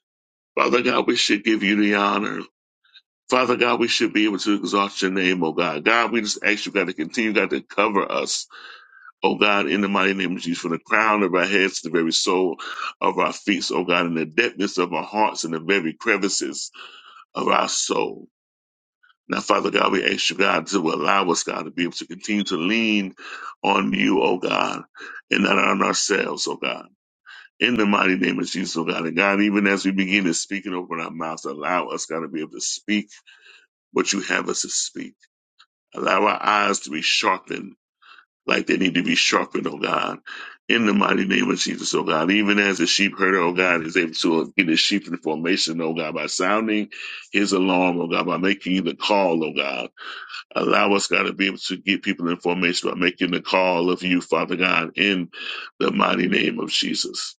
Speaker 2: Father God, we should give you the honor. Father God, we should be able to exalt your name, oh God. God, we just ask you, God, to continue, God, to cover us. O God, in the mighty name of Jesus, from the crown of our heads to the very sole of our feet, O God, in the depthness of our hearts and the very crevices of our soul. Now, Father God, we ask you, God, to allow us, God, to be able to continue to lean on you, O God, and not on ourselves, O God. In the mighty name of Jesus, O God. And God, even as we begin to speak and open our mouths, allow us, God, to be able to speak what you have us to speak. Allow our eyes to be sharpened like they need to be sharpened, oh God, in the mighty name of Jesus, oh God. Even as the sheep herder, oh God, is able to get his sheep in formation, oh God, by sounding his alarm, oh God, by making the call, oh God. Allow us, God, to be able to get people in formation by making the call of you, Father God, in the mighty name of Jesus.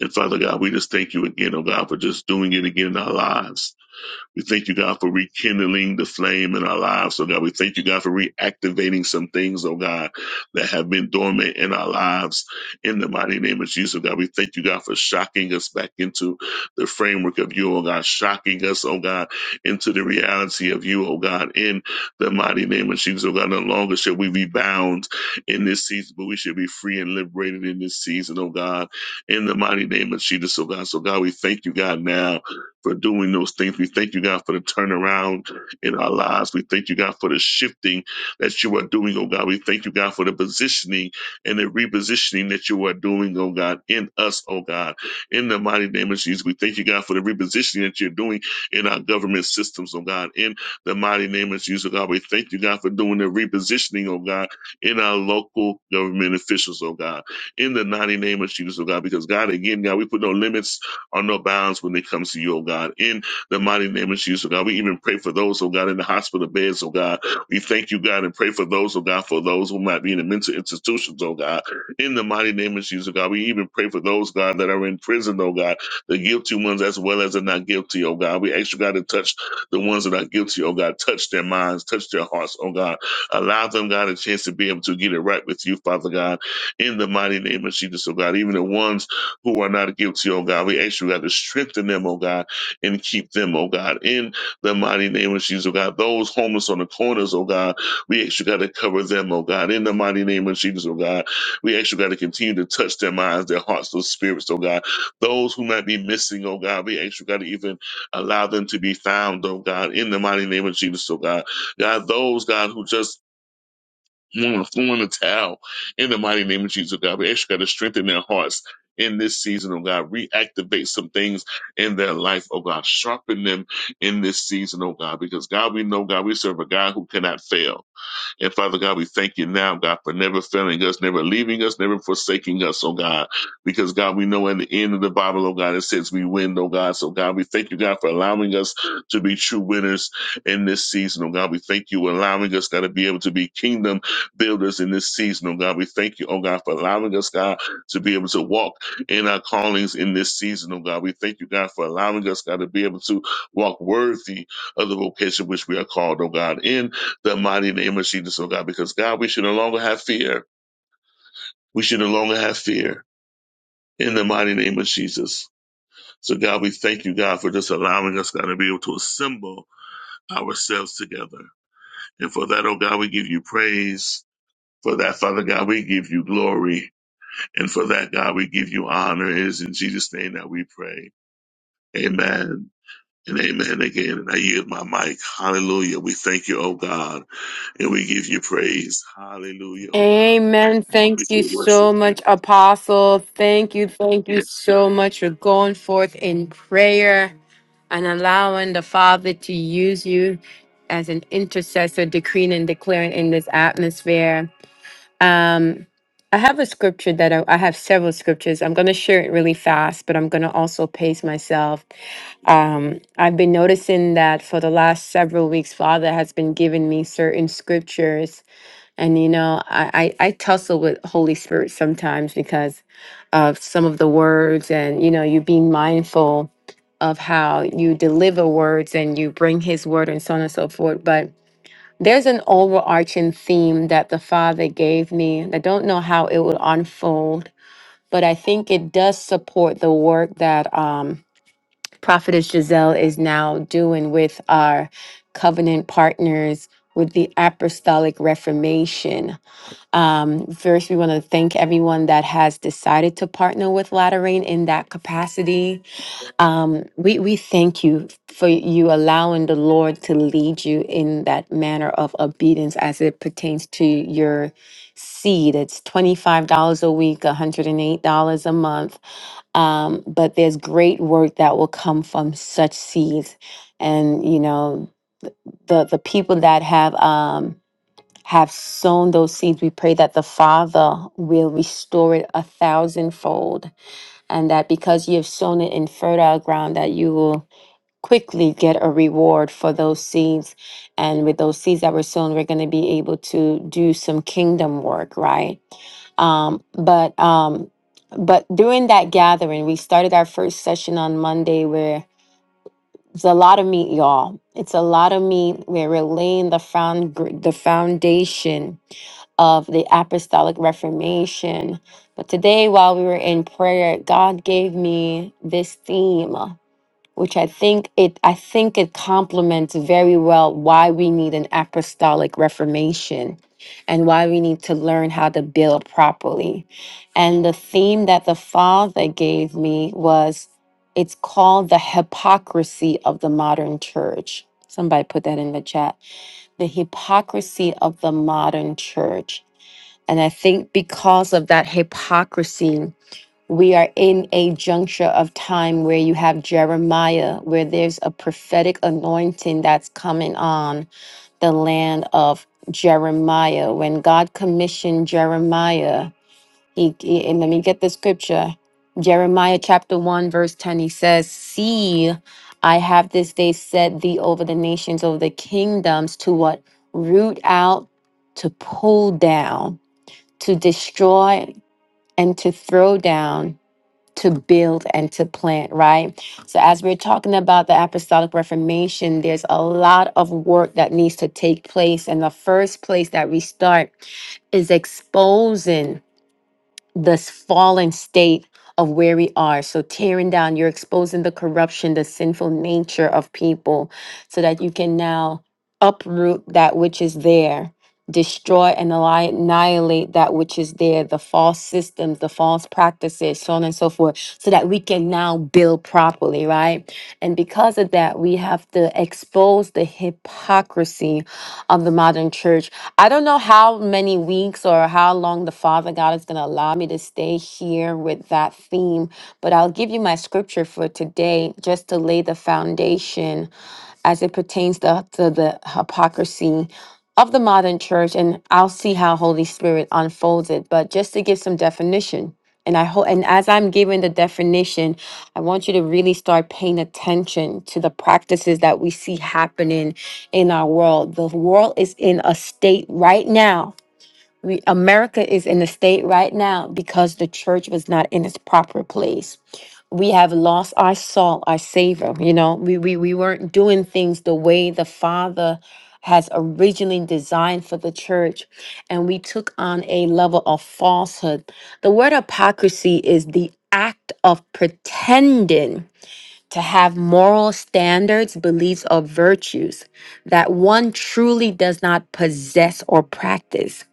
Speaker 2: And Father God, we just thank you again, oh God, for just doing it again in our lives. We thank you, God, for rekindling the flame in our lives, oh God. We thank you, God, for reactivating some things, oh God, that have been dormant in our lives. In the mighty name of Jesus, oh God, we thank you, God, for shocking us back into the framework of you, oh God, shocking us, oh God, into the reality of you, oh God, in the mighty name of Jesus, oh God. No longer shall we be bound in this season, but we shall be free and liberated in this season, oh God, in the mighty name of Jesus, oh God. So, God, we thank you, God, now for doing those things. We thank you, God, for the turnaround in our lives. We thank you, God, for the shifting that you are doing, oh God. We thank you, God, for the positioning and the repositioning that you are doing, oh God, in us, oh God. In the mighty name of Jesus, we thank you, God, for the repositioning that you're doing in our government systems, oh God. In the mighty name of Jesus, oh God, we thank you, God, for doing the repositioning, oh God, in our local government officials, oh God. In the mighty name of Jesus, oh God, because God, again, God, we put no limits are no bounds when it comes to you, oh God. In the mighty name of Jesus, oh God, we even pray for those, oh God, in the hospital beds, oh God. We thank you, God, and pray for those, oh God, for those who might be in the mental institutions, oh God. In the mighty name of Jesus, oh God, we even pray for those, God, that are in prison, oh God, the guilty ones as well as the not guilty, oh God. We ask you, God, to touch the ones that are guilty, oh God. Touch their minds, touch their hearts, oh God. Allow them, God, a chance to be able to get it right with you, Father God. In the mighty name of Jesus, oh God. Even the ones who are not guilty, oh God. We ask you, God, to strengthen them, oh God, and keep them, oh God, in the mighty name of Jesus, oh God. Those homeless on the corners, oh God, we ask you, God, to cover them, oh God, in the mighty name of Jesus, oh God. We ask you, God, to continue to touch their minds, their hearts, those spirits, oh God. Those who might be missing, oh God, we ask you, God, to even allow them to be found, oh God, in the mighty name of Jesus, oh God. God, those, God, who just want to throw in the towel in the mighty name of Jesus, God. We actually got to strengthen their hearts in this season, oh God. Reactivate some things in their life, oh God. Sharpen them in this season, oh God, because God, we know, God, we serve a God who cannot fail. And Father God, we thank you now, God, for never failing us, never leaving us, never forsaking us, oh God. Because God, we know at the end of the Bible, oh God, it says we win, oh God. So God, we thank you, God, for allowing us to be true winners in this season, oh God. We thank you for allowing us, God, to be able to be kingdom builders in this season, oh God. We thank you, oh God, for allowing us, God, to be able to walk in our callings in this season, oh God. We thank you, God, for allowing us, God, to be able to walk worthy of the vocation which we are called, oh God, in the mighty name of Jesus, oh God, because God, we should no longer have fear. We should no longer have fear in the mighty name of Jesus. So God, we thank you, God, for just allowing us, God, to be able to assemble ourselves together. And for that, oh God, we give you praise. For that, Father God, we give you glory. And for that, God, we give you honor. It is in Jesus' name that we pray. Amen. And amen again. And I yield my mic. Hallelujah. We thank you, oh God, and we give you praise. Hallelujah, oh God.
Speaker 1: Amen.
Speaker 2: We
Speaker 1: Thank you
Speaker 2: do worship
Speaker 1: so
Speaker 2: you.
Speaker 1: much, Apostle. Thank you. Thank you
Speaker 2: Yes
Speaker 1: so much for going forth in prayer and allowing the Father to use you as an intercessor, decreeing and declaring in this atmosphere. Um, I have a scripture that I, I have several scriptures. I'm going to share it really fast, but I'm going to also pace myself. Um, I've been noticing that for the last several weeks, Father has been giving me certain scriptures and you know, I, I I tussle with Holy Spirit sometimes because of some of the words, and you know, you being mindful of how you deliver words and you bring His word and so on and so forth. But there's an overarching theme that the Father gave me. and I don't know how it will unfold, but I think it does support the work that um, Prophetess Giselle is now doing with our covenant partners with the Apostolic Reformation um, first, we want to thank everyone that has decided to partner with Lateran in that capacity. Um, we, we thank you for you allowing the Lord to lead you in that manner of obedience as it pertains to your seed. It's $25 a week, $108 a month. Um, but there's great work that will come from such seeds. And, you know, the the people that have um have sown those seeds, we pray that the Father will restore it a thousandfold, and that because you have sown it in fertile ground, that you will quickly get a reward for those seeds. And with those seeds that were sown, we're going to be able to do some kingdom work, right? Um, but um, but during that gathering, we started our first session on Monday where it's a lot of meat, y'all. It's a lot of meat where we're laying the found gr- the foundation of the apostolic reformation. But today, while we were in prayer, God gave me this theme which I think it I think it complements very well why we need an apostolic reformation and why we need to learn how to build properly. And the theme that the father gave me was it's called the hypocrisy of the modern church. Somebody put that in the chat. The hypocrisy of the modern church. And I think because of that hypocrisy, we are in a juncture of time where you have Jeremiah, where there's a prophetic anointing that's coming on the land of Jeremiah. When God commissioned Jeremiah, he, he- and let me get the scripture. Jeremiah chapter 1, verse 10, he says, See, I have this day set thee over the nations, over the kingdoms, to what? Root out, to pull down, to destroy, and to throw down to build and to plant, right? So, as we're talking about the Apostolic Reformation, there's a lot of work that needs to take place. And the first place that we start is exposing this fallen state of where we are. So tearing down, you're exposing the corruption, the sinful nature of people, so that you can now uproot that which is there, destroy and anni- annihilate that which is there, the false systems, the false practices, so on and so forth, so that we can now build properly, right? And because of that, we have to expose the hypocrisy of the modern church I don't know how many weeks or how long the Father God is going to allow me to stay here with that theme, but I'll give you my scripture for today just to lay the foundation as it pertains to, to the hypocrisy of the modern church, and I'll see how Holy Spirit unfolds it. But just to give some definition, and I hope, and as I'm giving the definition, I want you to really start paying attention to the practices that we see happening in our world. The world is in a state right now we, America is in a state right now because the church was not in its proper place. We have lost our salt, our savor. You know, we, we, we weren't doing things the way the Father has originally designed for the church, and we took on a level of falsehood. The word hypocrisy is the act of pretending to have moral standards, beliefs, or virtues that one truly does not possess or practice.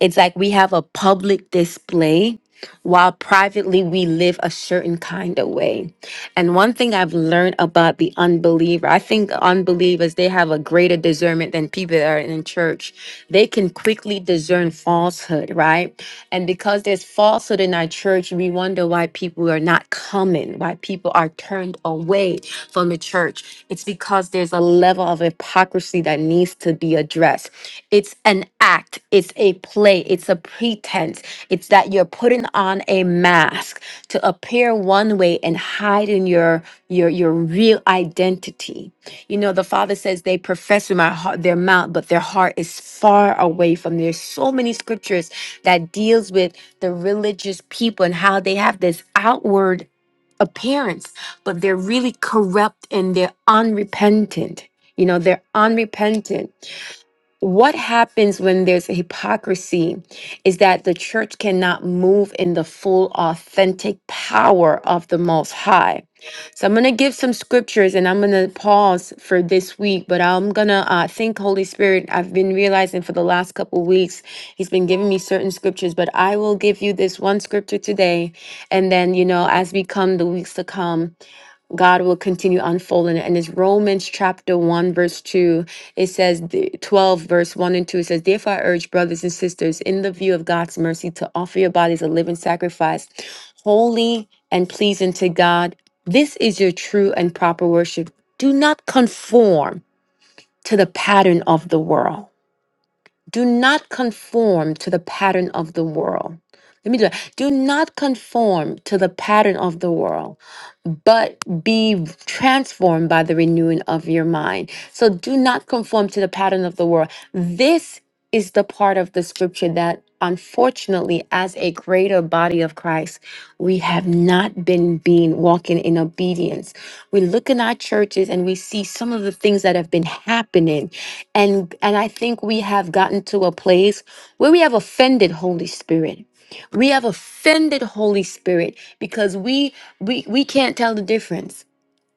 Speaker 1: It's like we have a public display while privately we live a certain kind of way. And one thing I've learned about the unbeliever, I think unbelievers, they have a greater discernment than people that are in church. They can quickly discern falsehood, right? And because there's falsehood in our church, we wonder why people are not coming, why people are turned away from the church. It's because there's a level of hypocrisy that needs to be addressed. It's an act, it's a play, it's a pretense. It's that you're putting on a mask to appear one way and hide in your your your real identity. You know, the Father says they profess with my heart their mouth, but their heart is far away from. me. There's so many scriptures that deals with the religious people and how they have this outward appearance, but they're really corrupt and they're unrepentant. You know, they're unrepentant what happens when there's a hypocrisy is that the church cannot move in the full authentic power of the most high so i'm going to give some scriptures and i'm going to pause for this week but i'm going to uh, think holy spirit i've been realizing for the last couple weeks he's been giving me certain scriptures but i will give you this one scripture today and then you know as we come the weeks to come God will continue unfolding. it. And it's Romans chapter 1, verse 2. It says, the- 12, verse 1 and 2. It says, Therefore, I urge brothers and sisters, in the view of God's mercy, to offer your bodies a living sacrifice, holy and pleasing to God. This is your true and proper worship. Do not conform to the pattern of the world do not conform to the pattern of the world. Let me do that. Do not conform to the pattern of the world, but be transformed by the renewing of your mind. So do not conform to the pattern of the world. This is the part of the scripture that, unfortunately, as a greater body of Christ, we have not been being walking in obedience. We look in our churches and we see some of the things that have been happening and and i think we have gotten to a place where we have offended holy spirit we have offended holy spirit because we we we can't tell the difference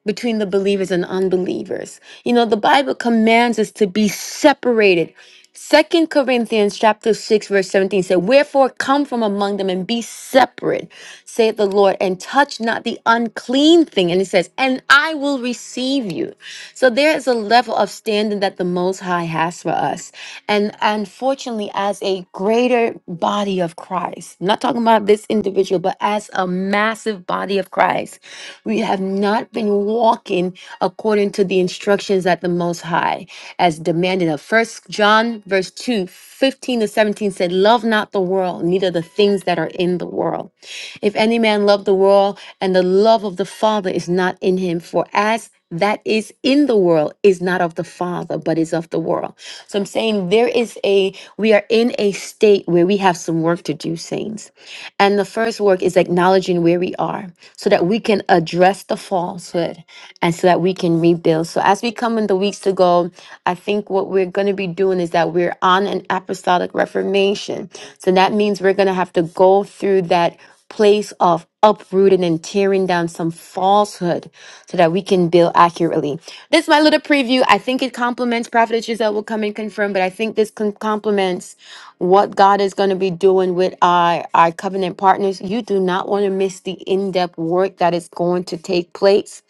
Speaker 1: between the believers and unbelievers. You know, the Bible commands us to be separated. Second Corinthians chapter 6 verse 17 said, "Wherefore come from among them and be separate, saith the Lord, and touch not the unclean thing." And it says, "And I will receive you." So there is a level of standing that the Most High has for us. And unfortunately, as a greater body of Christ, I'm not talking about this individual, but as a massive body of Christ, we have not been walking according to the instructions at the Most High, as demanded of First John verse 2 15 to 17 said, Love not the world, neither the things that are in the world. If any man love the world, and the love of the Father is not in him, for as that is in the world is not of the Father, but is of the world. So I'm saying there is a, we are in a state where we have some work to do, saints. And the first work is acknowledging where we are so that we can address the falsehood and so that we can rebuild. So, as we come in the weeks to go, I think what we're going to be doing is that we're on an apostolic reformation. So, that means we're going to have to go through that place of uprooting and tearing down some falsehood so that we can build accurately. This is my little preview. I think it complements Prophet Giselle will come and confirm, but I think this con- complements what God is going to be doing with our, our covenant partners. You do not want to miss the in depth work that is going to take place.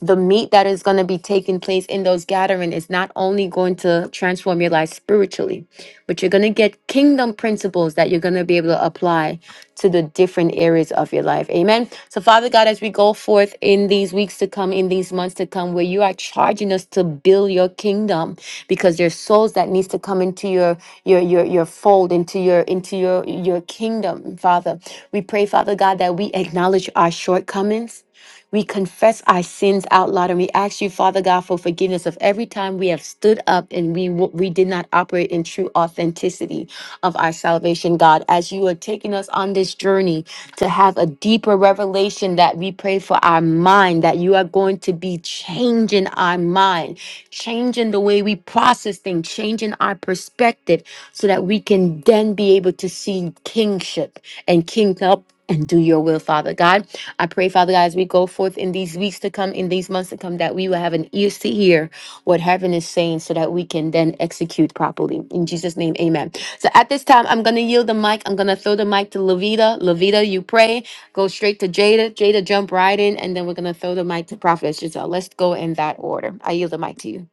Speaker 1: The meat that is going to be taking place in those gatherings is not only going to transform your life spiritually, but you're going to get kingdom principles that you're going to be able to apply to the different areas of your life. Amen. So, Father God, as we go forth in these weeks to come, in these months to come, where you are charging us to build your kingdom because there's souls that needs to come into your your your your fold into your into your your kingdom, Father. We pray, Father God, that we acknowledge our shortcomings. We confess our sins out loud and we ask you, Father God, for forgiveness of every time we have stood up and we w- we did not operate in true authenticity of our salvation, God. As you are taking us on this journey to have a deeper revelation that we pray for our mind, that you are going to be changing our mind, changing the way we process things, changing our perspective so that we can then be able to see kingship and king help and do your will, Father God. I pray, Father God, as we go forth in these weeks to come, in these months to come, that we will have an ears to hear what heaven is saying so that we can then execute properly. In Jesus' name, amen. So at this time, I'm going to yield the mic. I'm going to throw the mic to Levita. Levita, you pray. Go straight to Jada. Jada, jump right in. And then we're going to throw the mic to Prophet Giselle. Let's go in that order. I yield the mic to you.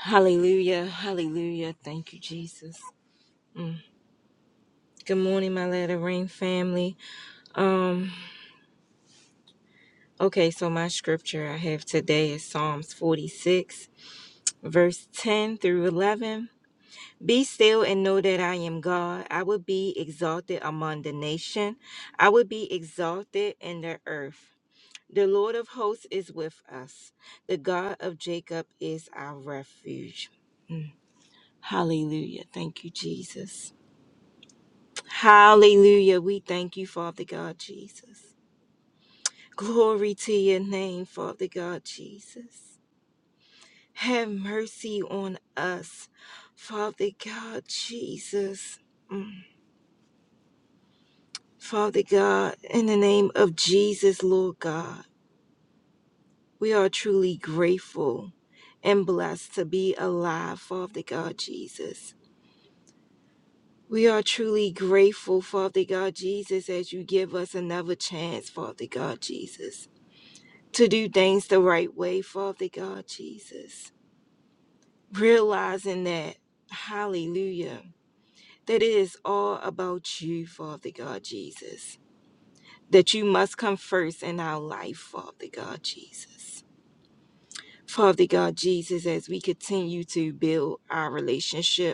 Speaker 3: Hallelujah. Hallelujah. Thank you, Jesus. Mm. Good morning, my letter rain family. Um, okay, so my scripture I have today is Psalms 46, verse 10 through 11. Be still and know that I am God. I will be exalted among the nation. I will be exalted in the earth. The Lord of hosts is with us. The God of Jacob is our refuge. Mm. Hallelujah. Thank you, Jesus. Hallelujah. We thank you, Father God Jesus. Glory to your name, Father God Jesus. Have mercy on us, Father God Jesus. Mm. Father God, in the name of Jesus, Lord God, we are truly grateful and blessed to be alive, Father God Jesus. We are truly grateful, Father God Jesus, as you give us another chance, Father God Jesus. to do things the right way, Father God Jesus. Realizing that, hallelujah, that it is all about you, Father God Jesus. That you must come first in our life, Father God Jesus. Father God Jesus, as we continue to build our relationship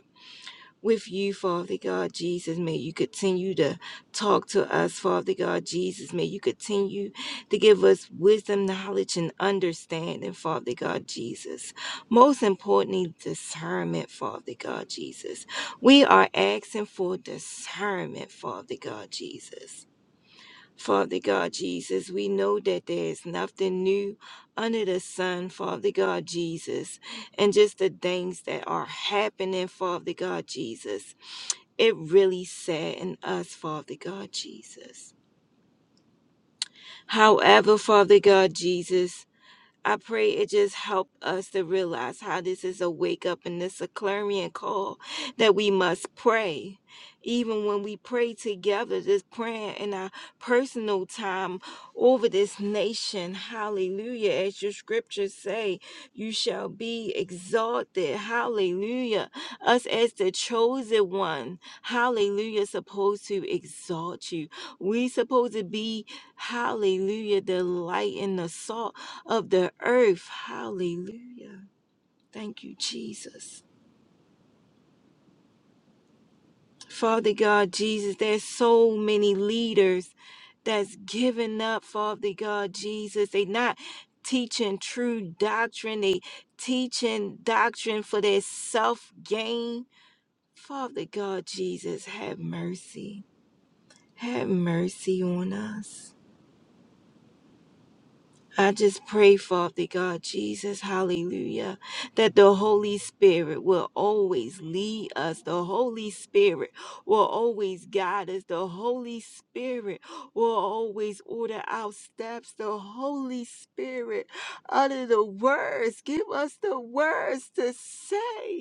Speaker 3: with you, Father God Jesus. May you continue to talk to us, Father God Jesus. May you continue to give us wisdom, knowledge, and understanding, Father God Jesus. Most importantly, discernment, Father God Jesus. We are asking for discernment, Father God Jesus. Father God Jesus, we know that there is nothing new under the sun, Father God Jesus, and just the things that are happening, Father God Jesus. It really saddened us, Father God Jesus. However, Father God Jesus, I pray it just help us to realize how this is a wake up and this a clarion call that we must pray. Even when we pray together, this prayer in our personal time over this nation. Hallelujah. As your scriptures say, you shall be exalted. Hallelujah. Us as the chosen one. Hallelujah. Supposed to exalt you. We supposed to be, hallelujah, the light and the salt of the earth. Hallelujah. Thank you, Jesus. Father God, Jesus, there's so many leaders that's given up, Father God, Jesus. They not teaching true doctrine. They teaching doctrine for their self gain. Father God, Jesus, have mercy. Have mercy on us. I just pray, Father God, Jesus, hallelujah, that the Holy Spirit will always lead us. The Holy Spirit will always guide us. The Holy Spirit will always order our steps. The Holy Spirit, utter the words, give us the words to say.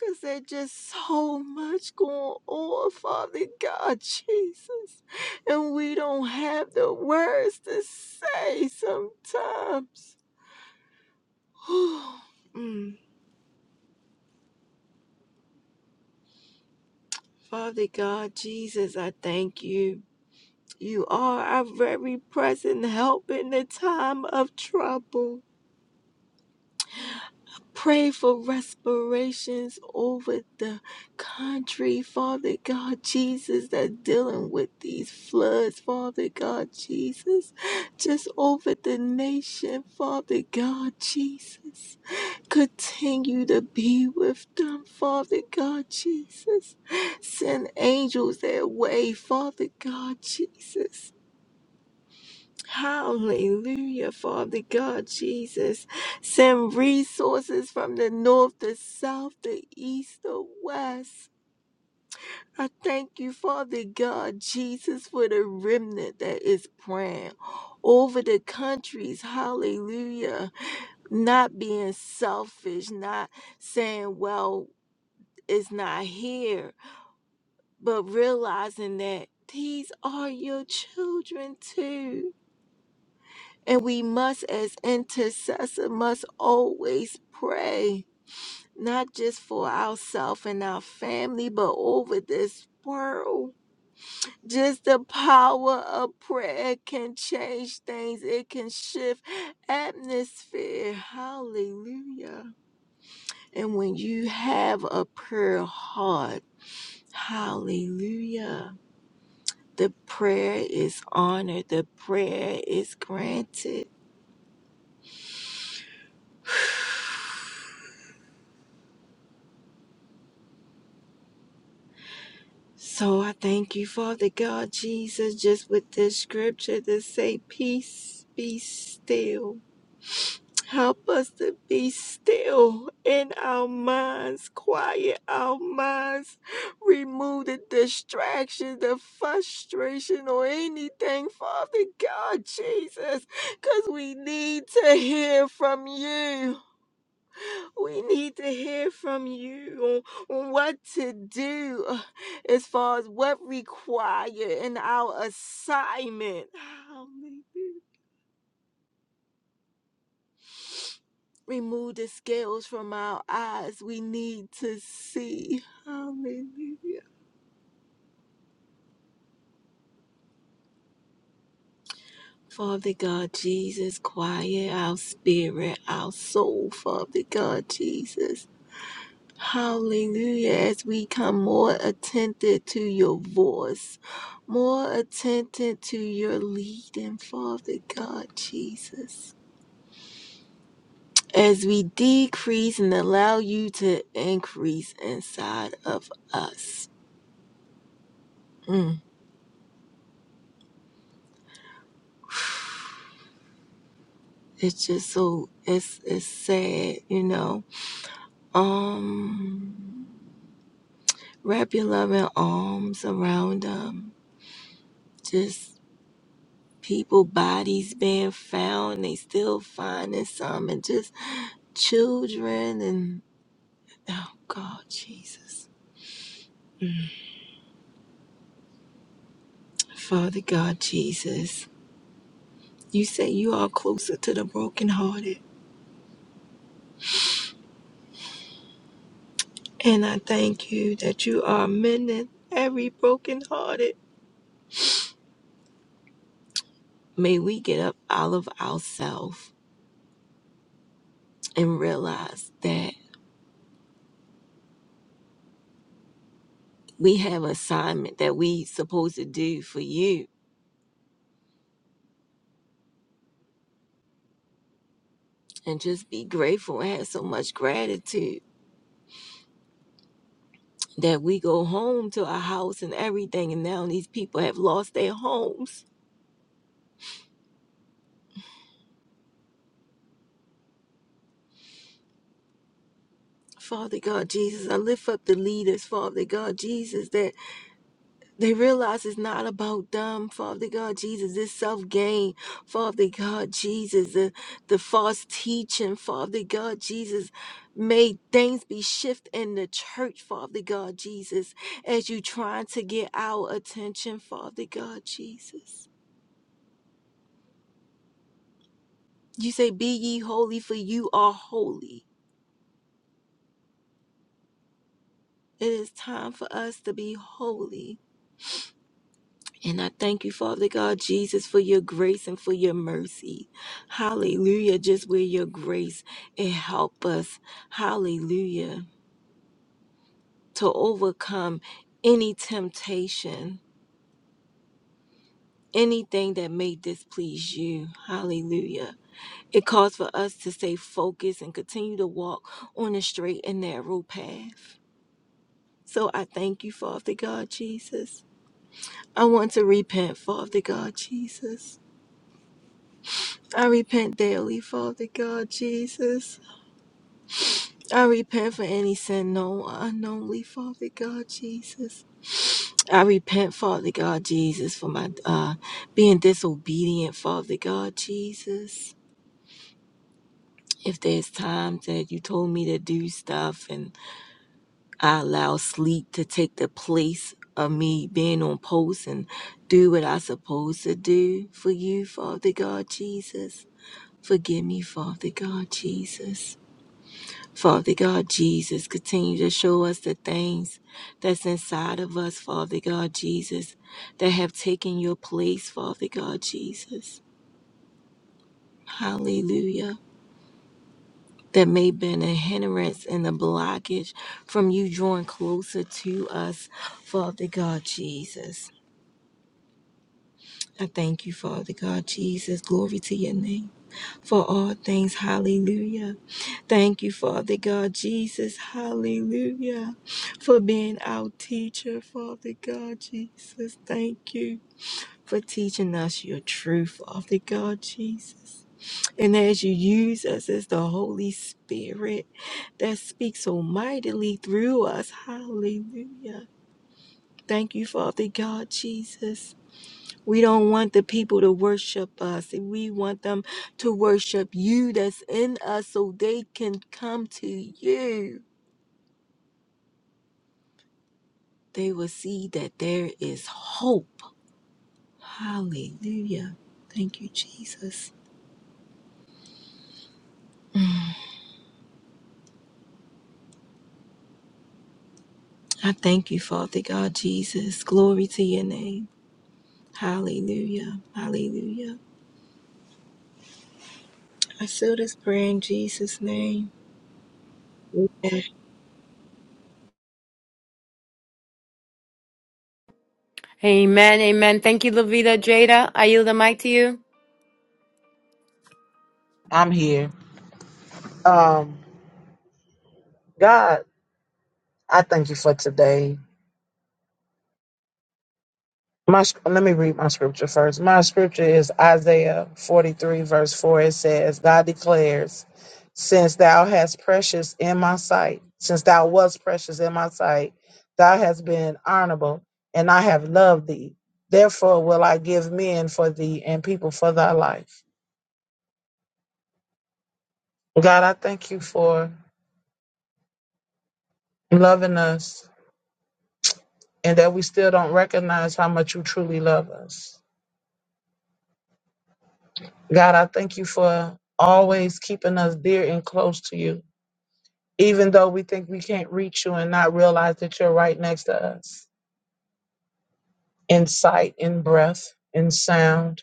Speaker 3: Cause there's just so much going on, Father God, Jesus. And we don't have the words to say sometimes. Mm. Father God, Jesus, I thank you. You are our very present help in the time of trouble. Pray for respirations over the country, Father God Jesus, that dealing with these floods, Father God Jesus, just over the nation, Father God Jesus. Continue to be with them, Father God Jesus. Send angels their way, Father God Jesus Hallelujah, Father God, Jesus. Send resources from the north, the south, the east, the west. I thank you, Father God, Jesus, for the remnant that is praying over the countries. Hallelujah. Not being selfish, not saying, well, it's not here, but realizing that these are your children too. And we must, as intercessor, must always pray, not just for ourselves and our family, but over this world. Just the power of prayer can change things. It can shift atmosphere. Hallelujah. And when you have a prayer heart, hallelujah. The prayer is honored. The prayer is granted. So I thank you, Father God, Jesus, just with this scripture to say, Peace be still. Help us to be still in our minds, quiet our minds, remove the distraction, the frustration, or anything, Father God, Jesus, because we need to hear from you. We need to hear from you on, on what to do uh, as far as what required in our assignment. Hallelujah. Remove the scales from our eyes. We need to see. Hallelujah. Father God Jesus, quiet our spirit, our soul, Father God Jesus. Hallelujah. As we come more attentive to your voice, more attentive to your leading, Father God Jesus. As we decrease and allow you to increase inside of us. Mm. It's just so it's it's sad, you know. Um wrap your loving arms around them. just. people bodies being found they still finding some and just children and oh god jesus father god jesus you say you are closer to the brokenhearted and i thank you that you are mending every brokenhearted may we get up out of ourselves and realize that we have assignment that we supposed to do for you and just be grateful and have so much gratitude that we go home to our house and everything. And now these people have lost their homes. Father God Jesus, I lift up the leaders, Father God Jesus, that they realize it's not about them, Father God Jesus, this self gain, Father God Jesus, the, the false teaching, Father God Jesus. May things be shift in the church, Father God Jesus, as you trying to get our attention, Father God Jesus. You say, Be ye holy, for you are holy. It is time for us to be holy. And I thank you, Father God, Jesus, for your grace and for your mercy. Hallelujah. Just with your grace and help us. Hallelujah. To overcome any temptation, anything that may displease you. Hallelujah. It calls for us to stay focused and continue to walk on the straight and narrow path. So I thank you, Father God, Jesus. I want to repent, Father God, Jesus. I repent daily, Father God Jesus. I repent for any sin known or unknownly, Father God Jesus. I repent, Father God Jesus, for my uh, being disobedient, Father God Jesus. If there's times that you told me to do stuff and I allow sleep to take the place of me being on post and do what I supposed to do for you, Father God Jesus. Forgive me, Father God Jesus. Father God Jesus, continue to show us the things that's inside of us, Father God Jesus, that have taken your place, Father God Jesus. Hallelujah. That may have been a hindrance and a blockage from you drawing closer to us, Father God Jesus. I thank you, Father God Jesus. Glory to your name for all things. Hallelujah. Thank you, Father God Jesus. Hallelujah. For being our teacher, Father God Jesus. Thank you for teaching us your truth, Father God Jesus. And as you use us as the Holy Spirit that speaks so mightily through us. Hallelujah. Thank you, Father God Jesus. We don't want the people to worship us. We want them to worship you that's in us so they can come to you. they will see that there is hope. Hallelujah. Thank you, Jesus. I thank you, Father God, Jesus. Glory to your name. Hallelujah. Hallelujah. I seal this prayer in Jesus' name.
Speaker 1: Amen. Amen. Thank you, Levita. Jada, I yield the mic to you.
Speaker 4: I'm here. Um, God, I thank you for today. My sc- let me read my scripture first. My scripture is Isaiah 43 verse 4. It says, "God declares, since thou hast precious in my sight, since thou wast precious in my sight, thou hast been honorable, and I have loved thee. Therefore will I give men for thee and people for thy life." God, I thank you for loving us and that we still don't recognize how much you truly love us. God, I thank you for always keeping us dear and close to you, even though we think we can't reach you and not realize that you're right next to us in sight, in breath, in sound.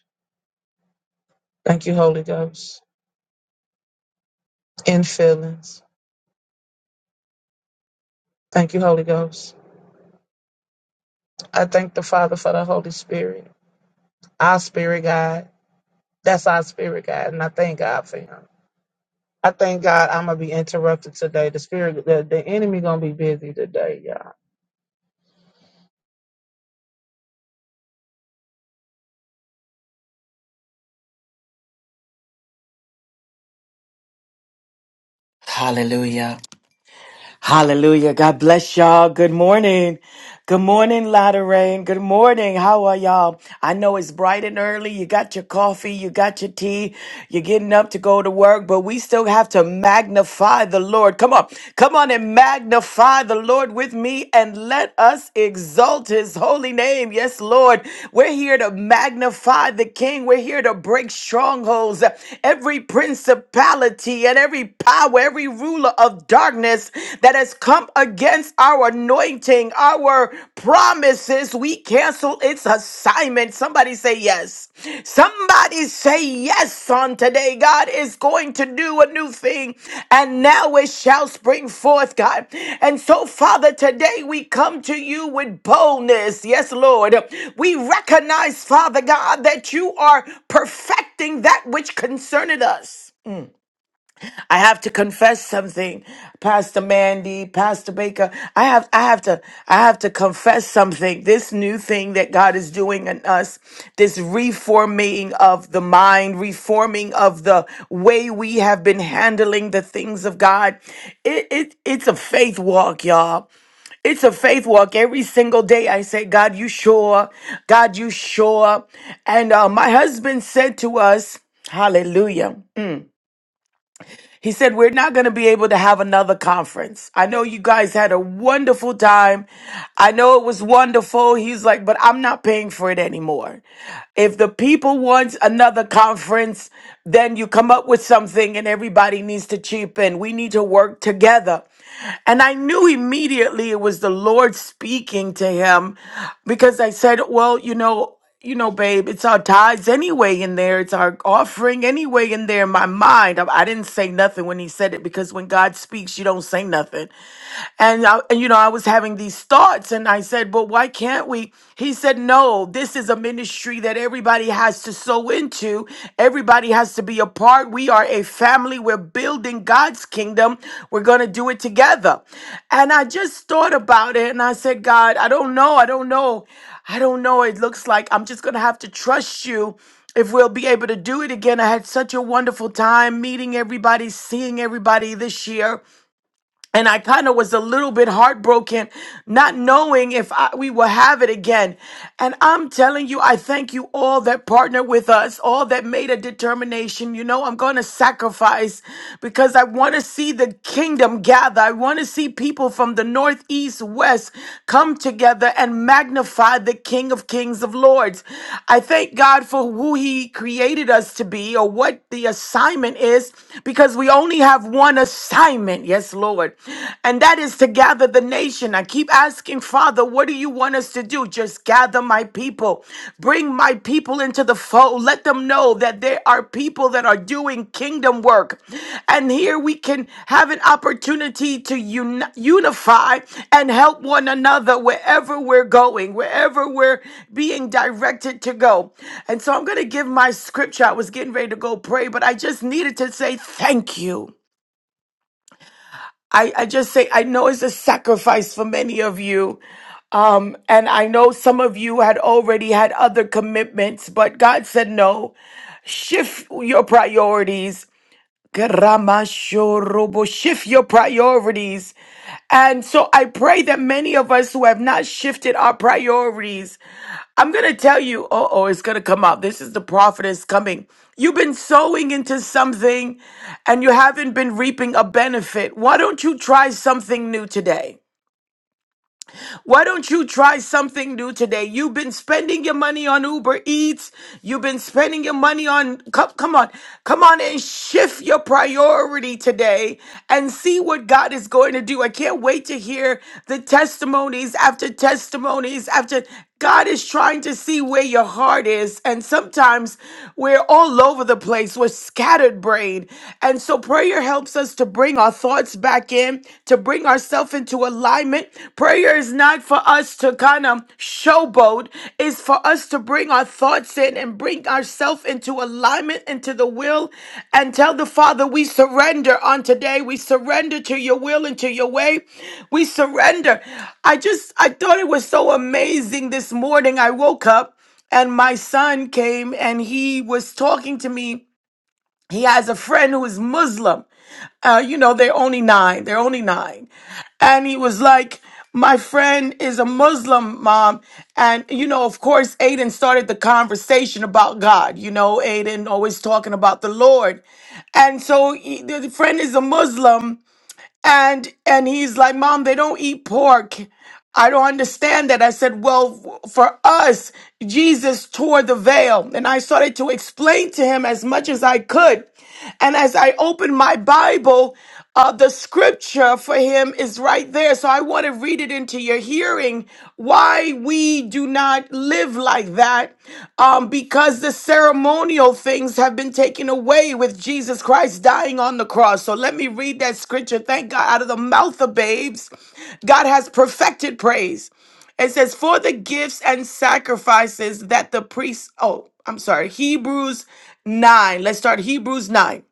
Speaker 4: Thank you, Holy Ghost, in feelings. Thank you, Holy Ghost. I thank the Father for the Holy Spirit, our spirit guide. That's our spirit guide, and I thank God for him. I thank God I'm gonna be interrupted today. The spirit, the, the enemy gonna be busy today, y'all.
Speaker 5: Hallelujah. Hallelujah. God bless y'all. Good morning. Good morning, Lotta Rain. Good morning. How are y'all? I know it's bright and early. You got your coffee, you got your tea, you're getting up to go to work, but we still have to magnify the Lord. Come on. Come on and magnify the Lord with me and let us exalt his holy name. Yes, Lord. We're here to magnify the King. We're here to break strongholds, every principality and every power now every ruler of darkness that has come against our anointing, our promises, we cancel its assignment. Somebody say yes. Somebody say yes on today. God is going to do a new thing, and now it shall spring forth, God. And so, Father, today we come to you with boldness. Yes, Lord. We recognize, Father God, that you are perfecting that which concerneth us. I have to confess something, Pastor Mandy, Pastor Baker. I have I have to I have to confess something. This new thing that God is doing in us, this reforming of the mind, reforming of the way we have been handling the things of God. It, it it's a faith walk, y'all it's a faith walk every single day i say god you sure god you sure and uh, my husband said to us hallelujah he said, We're not going to be able to have another conference. I know you guys had a wonderful time. I know it was wonderful. He's like, But I'm not paying for it anymore. If the people want another conference, then you come up with something and everybody needs to chip in. We need to work together. And I knew immediately it was the Lord speaking to him because I said, Well, you know, you know, babe, it's our tithes anyway in there. It's our offering anyway in there in my mind. I, I didn't say nothing when he said it because when God speaks, you don't say nothing. And, I, and you know, I was having these thoughts and I said, but why can't we? He said, no, this is a ministry that everybody has to sow into. Everybody has to be a part. We are a family. We're building God's kingdom. We're going to do it together. And I just thought about it and I said, God, I don't know. I don't know. I don't know. It looks like I'm just going to have to trust you if we'll be able to do it again. I had such a wonderful time meeting everybody, seeing everybody this year and I kind of was a little bit heartbroken, not knowing if I, we will have it again. And I'm telling you, I thank you all that partnered with us, all that made a determination. You know, I'm going to sacrifice because I want to see the kingdom gather. I want to see people from the north, east, west come together and magnify the King of Kings of Lords. I thank God for who He created us to be or what the assignment is because we only have one assignment assignment. Yes, Lord. And that is to gather the nation. I keep asking, Father, what do you want us to do? Just gather my people. Bring my people into the fold. Let them know that there are people that are doing kingdom work. And here we can have an opportunity to uni- unify and help one another wherever we're going, wherever we're being directed to go. And so I'm going to give my scripture. I was getting ready to go pray, but I just needed to say thank you. I, I just say I know it's a sacrifice for many of you. Um, and I know some of you had already had other commitments, but God said no. Shift your priorities Karamashorobo. Shift your priorities. And so I pray that many of us who have not shifted our priorities, I'm going to tell you, oh, oh, it's going to come out. This is the prophetess coming. You've been sowing into something and you haven't been reaping a benefit. Why don't you try something new today? Why don't you try something new today? You've been spending your money on Uber Eats. You've been spending your money on, come, come on, come on and shift your priority today and see what God is going to do. I can't wait to hear the testimonies after testimonies after. God is trying to see where your heart is. And sometimes we're all over the place. We're scattered brain. And so prayer helps us to bring our thoughts back in, to bring ourselves into alignment. Prayer is not for us to kind of showboat is for us to bring our thoughts in and bring ourselves into alignment into the will and tell the Father we surrender on today. We surrender to your will and to your way. We surrender. I just I thought it was so amazing this morning. I woke up and my son came and he was talking to me. He has a friend who is Muslim. Uh, you know, they're only nine. They're only nine. And he was like, my friend is a Muslim mom. And, you know, of course, Aiden started the conversation about God. You know, Aiden always talking about the Lord. And so he, the friend is a Muslim and and he's like mom they don't eat pork i don't understand that i said well f- for us jesus tore the veil and i started to explain to him as much as i could and as i opened my bible uh, the scripture for him is right there so i want to read it into your hearing inquiring why we do not live like that um, because the ceremonial things have been taken away with Jesus Christ dying on the cross. So let me read that scripture. Thank God, out of the mouth of babes, God has perfected praise. It says, For the gifts and sacrifices that the priests, oh, I'm sorry, Hebrews 9. Let's start Hebrews 9.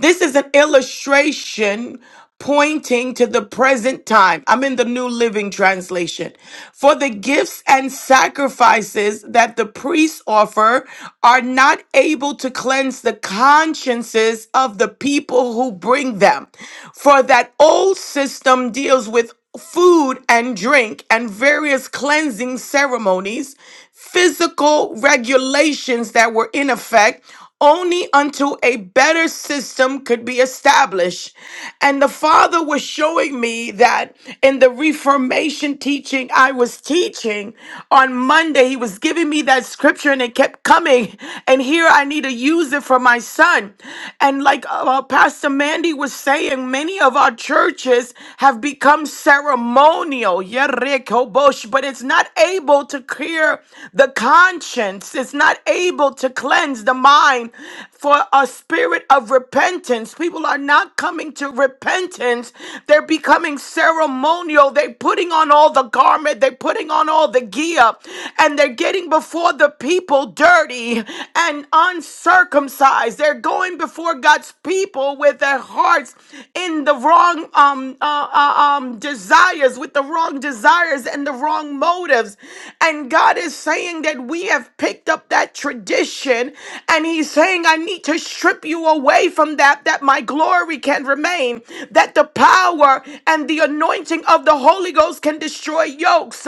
Speaker 5: This is an illustration pointing to the present time. I'm in the New Living Translation. For the gifts and sacrifices that the priests offer are not able to cleanse the consciences of the people who bring them. For that old system deals with food and drink and various cleansing ceremonies, physical regulations that were in effect only until a better system could be established. And the Father was showing me that in the Reformation teaching I was teaching on Monday, He was giving me that scripture and it kept coming. And here I need to use it for my son. And like uh, uh, Pastor Mandy was saying, many of our churches have become ceremonial. Yeah, Rick, oh, bosh, but but it's not able to clear the conscience. It's not able to cleanse the mind for a spirit of repentance. People are not coming to repentance. They're becoming ceremonial. They're putting on all the garment. They're putting on all the gear. And they're getting before the people dirty and uncircumcised. They're going before God's people with their hearts in the wrong um, uh, uh, um, desires, with the wrong desires and the wrong motives. And God is saying that we have picked up that tradition, and He's saying, I need to strip you away from that, that my glory can remain, that the power and the anointing of the Holy Ghost can destroy yokes.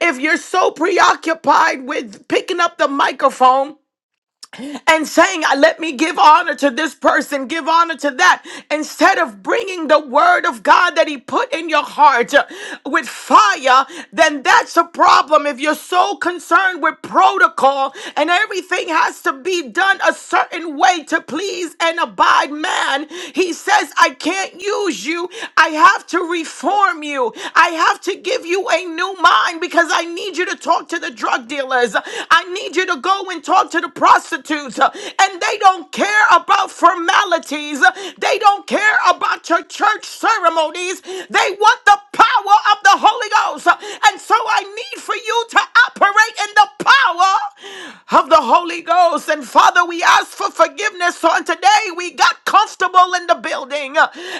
Speaker 5: If you're so preoccupied with picking up the microphone, and saying, "Uh, Let me give honor to this person, give honor to that, instead of bringing the word of God that He put in your heart uh, with fire, then that's a problem. If you're so concerned with protocol and everything has to be done a certain way to please and abide man, He says, I can't use you. I have to reform you. I have to give you you a new mind because I need you to talk to the drug dealers. I need you to go and talk to the prostitutes. And they don't care about formalities, they don't care about your church ceremonies. They want the power of the Holy Ghost. And so I need for you to operate in the power of the Holy Ghost. And Father, we ask for forgiveness on today. We got comfortable in the building.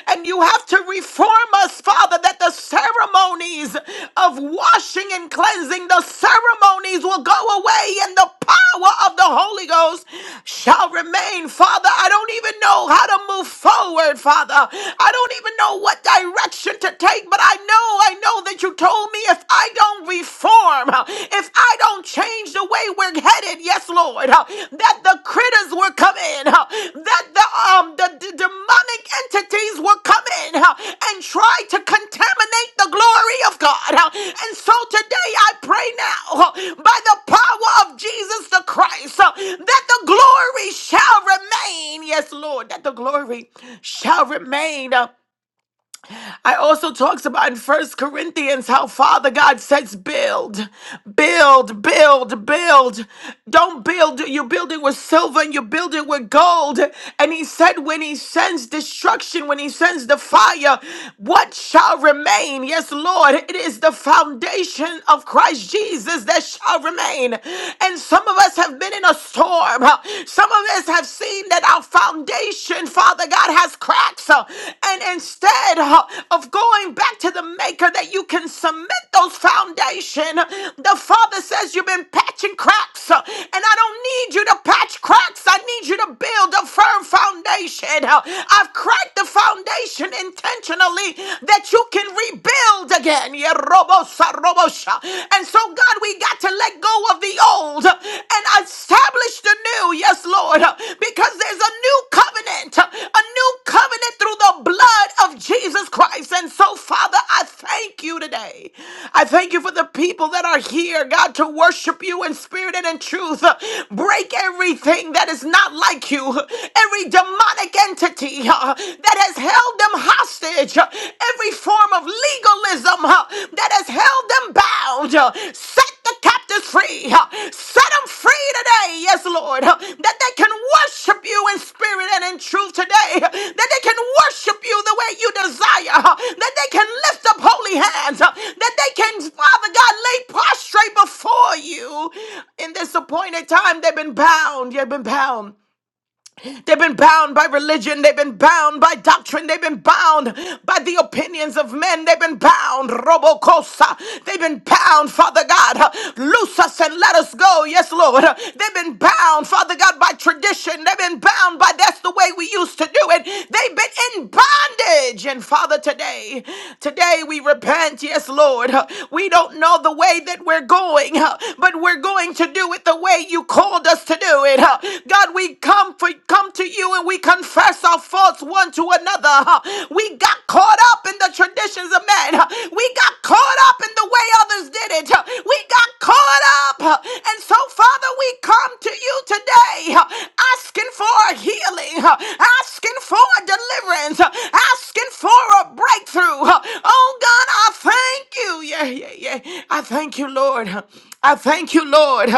Speaker 5: And you have to reform us, Father, that the ceremonies of washing and cleansing, the ceremonies will go away and the power of the Holy Ghost shall remain. Father, I don't even know how to move forward, Father. I don't even know what direction to take, but I know, I know that you told me if I don't reform, if if I don't change the way we're headed, yes, Lord, uh, that the critters will come in, uh, that the um the d- demonic entities will come in uh, and try to contaminate the glory of God. uh, And so today I pray now uh, by the power of Jesus the Christ uh, that the glory shall remain. Yes, Lord, that the glory shall remain. huh, I also talks about in First Corinthians how Father God says build, build, build, build. Don't build. You're building with silver and you're building with gold. And He said when He sends destruction, when He sends the fire, what shall remain? Yes, Lord, it is the foundation of Christ Jesus that shall remain. And some of us have been in a storm. Some of us have seen seen that our foundation, Father God, has cracks. uh, And instead uh, of going back to the maker that you can cement those foundation, uh, the Father says you've been patching cracks. uh, And I don't need you to patch cracks. I need you to build a firm foundation. uh, I've cracked the foundation intentionally that you can rebuild again. Yeah, robo sa robo sha. And so God, we God, we got to let go of the old and establish the new. Yes, Lord, because there's a new covenant, a new covenant through the blood of Jesus Christ. And so, Father, I thank you today. I thank you for the people that are here, God, to worship you in spirit and in truth. Break everything that is not like you, every demonic entity uh, that has held them hostage bondage, uh, every form of legalism uh, that has held them bound. uh, Set the captives free. uh, Set them free today, yes, Lord, uh, that they can worship you in spirit and in truth today, uh, that they can worship you the way you desire, uh, that they can lift up holy hands, uh, that they can, Father God, lay prostrate before you in this appointed time. They've been bound. You've been bound. They've been bound by religion. They've been bound by doctrine. They've been bound by the opinions of men. They've been bound. Robocosa. They've been bound, Father God. Loose us and let us go. Yes, Lord. They've been bound, Father God, by tradition. They've been bound by that's the way we used to do it. They've been in bondage. And Father, today, today we repent. Yes, Lord. We don't know the way that we're going going, huh, but we're going to do it the way you called us to do it. huh. God, we come for come to you and we confess our faults one to another. huh. We got caught up in the traditions of men. huh. We got caught up in the way others did it. huh. We got caught up. huh. And so, Father, we come to you today huh, asking for a healing, huh, asking for a deliverance, uh, asking asking for a breakthrough. Oh God, I thank you. Yeah, yeah, yeah. I thank you, Lord. I thank you, Lord.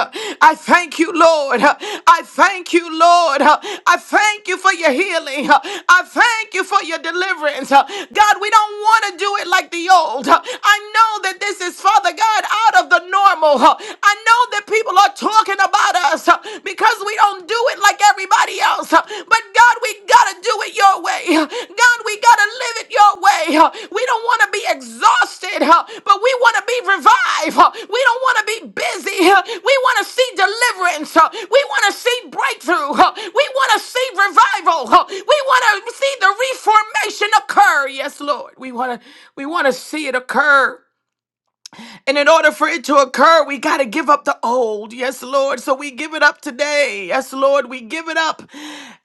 Speaker 5: I thank you, Lord. I thank you, Lord. I thank you for your healing. I thank you for your deliverance. God, we don't want to do it like the old. I know that this is, Father God, out of the normal. I know that people are talking about us because we don't do it like everybody else. But God, we gotta do it your way. God, we gotta live it your way. We don't wanna be exhausted, but we wanna be revived. We don't wanna be busy. We wanna see deliverance. We wanna see breakthrough. We wanna see revival. We wanna see the reformation occur. Yes, Lord. We wanna we wanna see it occur. And in order for it to occur, we got to give up the old. Yes, Lord. So we give it up today. Yes, Lord. We give it up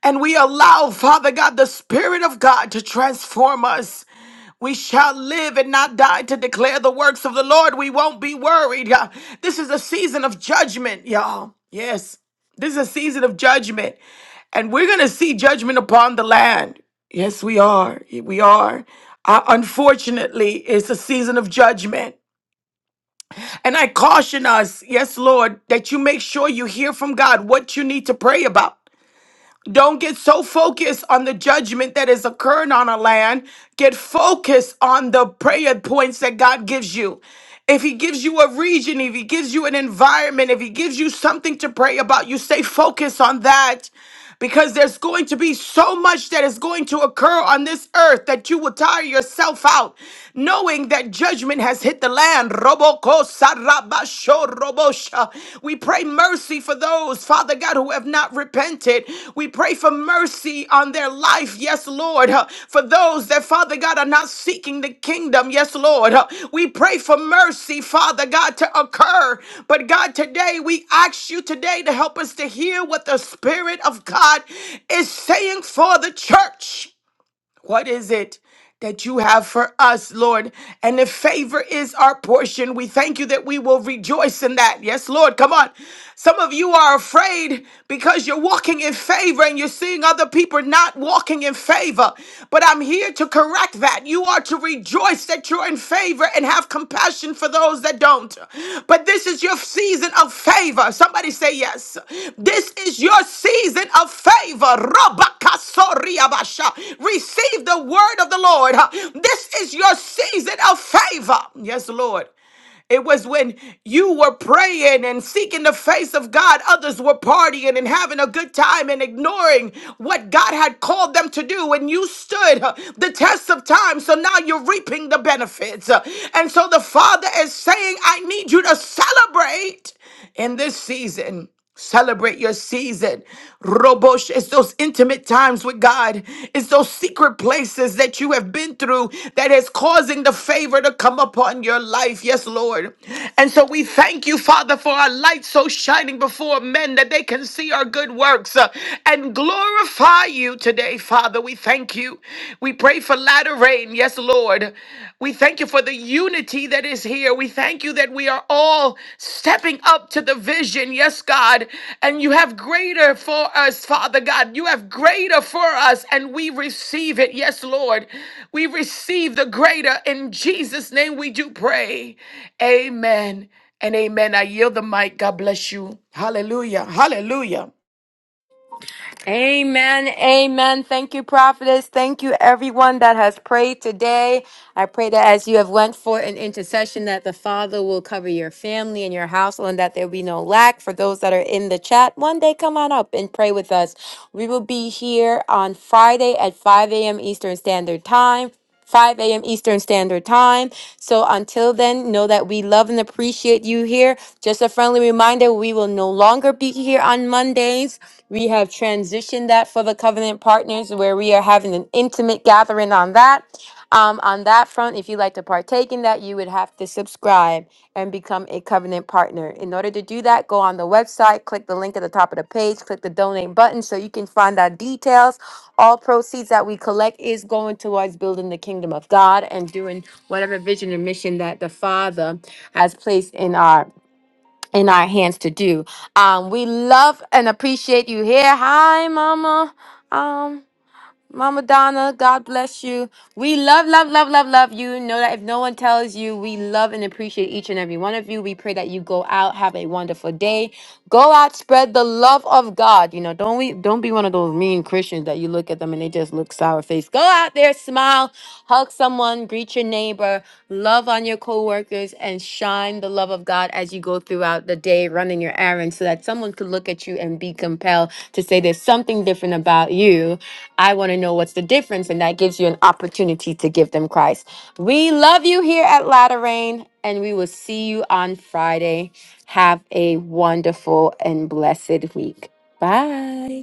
Speaker 5: and we allow, Father God, the Spirit of God to transform us. We shall live and not die to declare the works of the Lord. We won't be worried. Yeah. This is a season of judgment, y'all. Yes. This is a season of judgment. And we're going to see judgment upon the land. Yes, we are. We are. Uh, unfortunately, it's a season of judgment. And I caution us, yes, Lord, that you make sure you hear from God what you need to pray about. Don't get so focused on the judgment that is occurring on our land. Get focused on the prayer points that God gives you. If He gives you a region, if He gives you an environment, if He gives you something to pray about, you stay focused on that because there's going to be so much that is going to occur on this earth that you will tire yourself out knowing that judgment has hit the land. Roboko sarabasho robosha. We pray mercy for those, Father God, who have not repented. We pray for mercy be on their life, yes, Lord. Uh, For those that, Father God, are not seeking the kingdom, yes, Lord. Uh, We pray for mercy, Father God, to occur. But God, today we ask you today to help us to hear what the Spirit of God is saying for the church. What is it that you have for us, Lord? And if favor is our portion, we thank you that we will rejoice in that. Yes, Lord, come on. Some of you are afraid because you're walking in favor and you're seeing other people not walking in favor. But I'm here to correct that. You are to rejoice rejoice that you're in favor and have compassion for those that don't. But this is your season of favor. Somebody say yes. This is your season of favor. Rabakasoriabasha. Receive the word of the Lord. This is your season of favor. Yes, Lord. It was when you were praying and seeking the face of God, others were partying and having a good time and ignoring what God had called them to do. And you stood uh, the test of time. So now you're reaping the benefits. Uh, And so the Father is saying, I need you to celebrate in this season. Celebrate your season. Robosh, it's those intimate times with God. It's those secret places that you have been through that is causing the favor to come upon your life. Yes, Lord. And so we thank you, Father, for our light so shining before men that they can see our good works uh, and glorify you today, Father. We thank you. We pray for latter rain. Yes, Lord. God. We thank you for the unity that is here. We thank you that we are all stepping up to the vision. Yes, God. And you have greater for us, Father God. You have greater for us, and we receive it. Yes, Lord. We receive the greater. In Jesus' name we do pray. Amen and amen. I yield the mic. God bless you. Hallelujah. Hallelujah.
Speaker 1: Amen. Amen. Thank you, prophetess. Thank you, everyone that has prayed today. I pray that as you have went for an intercession, that the Father will cover your family and your household and that there be no lack. For those that are in the chat, one day come on up and pray with us. We will be here on Friday at 5 a.m. Eastern Standard Time. 5 a.m. Eastern Standard Time. So until then, know that we love and appreciate you here. Just a friendly reminder we will no longer be here on Mondays. We have transitioned that for the covenant partners, where we are having an intimate gathering on that. Um, on that front, if you'd like to partake in that, you would have to subscribe and become a covenant partner. In order to do that, go on the website, click the link at the top of the page, click the donate button so you can find out details. All proceeds that we collect is going towards building the kingdom of God and doing whatever vision and mission that the Father has placed in our in our hands to do. Um, we love and appreciate you here. Hi, Mama. Um, Mama Donna, God bless you. We love, love, love, love, love you. Know that if no one tells you, we love and appreciate each and every one of you. We pray that you go out, have a wonderful day. Go out, spread the love of God. You know, don't we don't be one of those mean Christians that you look at them and they just look sour faced. Go out there, smile, hug someone, greet your neighbor, love on your coworkers, and shine the love of God as you go throughout the day, running your errands, so that someone could look at you and be compelled to say there's something different about you I want to know what's the difference, and that gives you an opportunity to give them Christ. We love you here at Latter Rain, and we will see you on Friday. Have a wonderful and blessed week. Bye.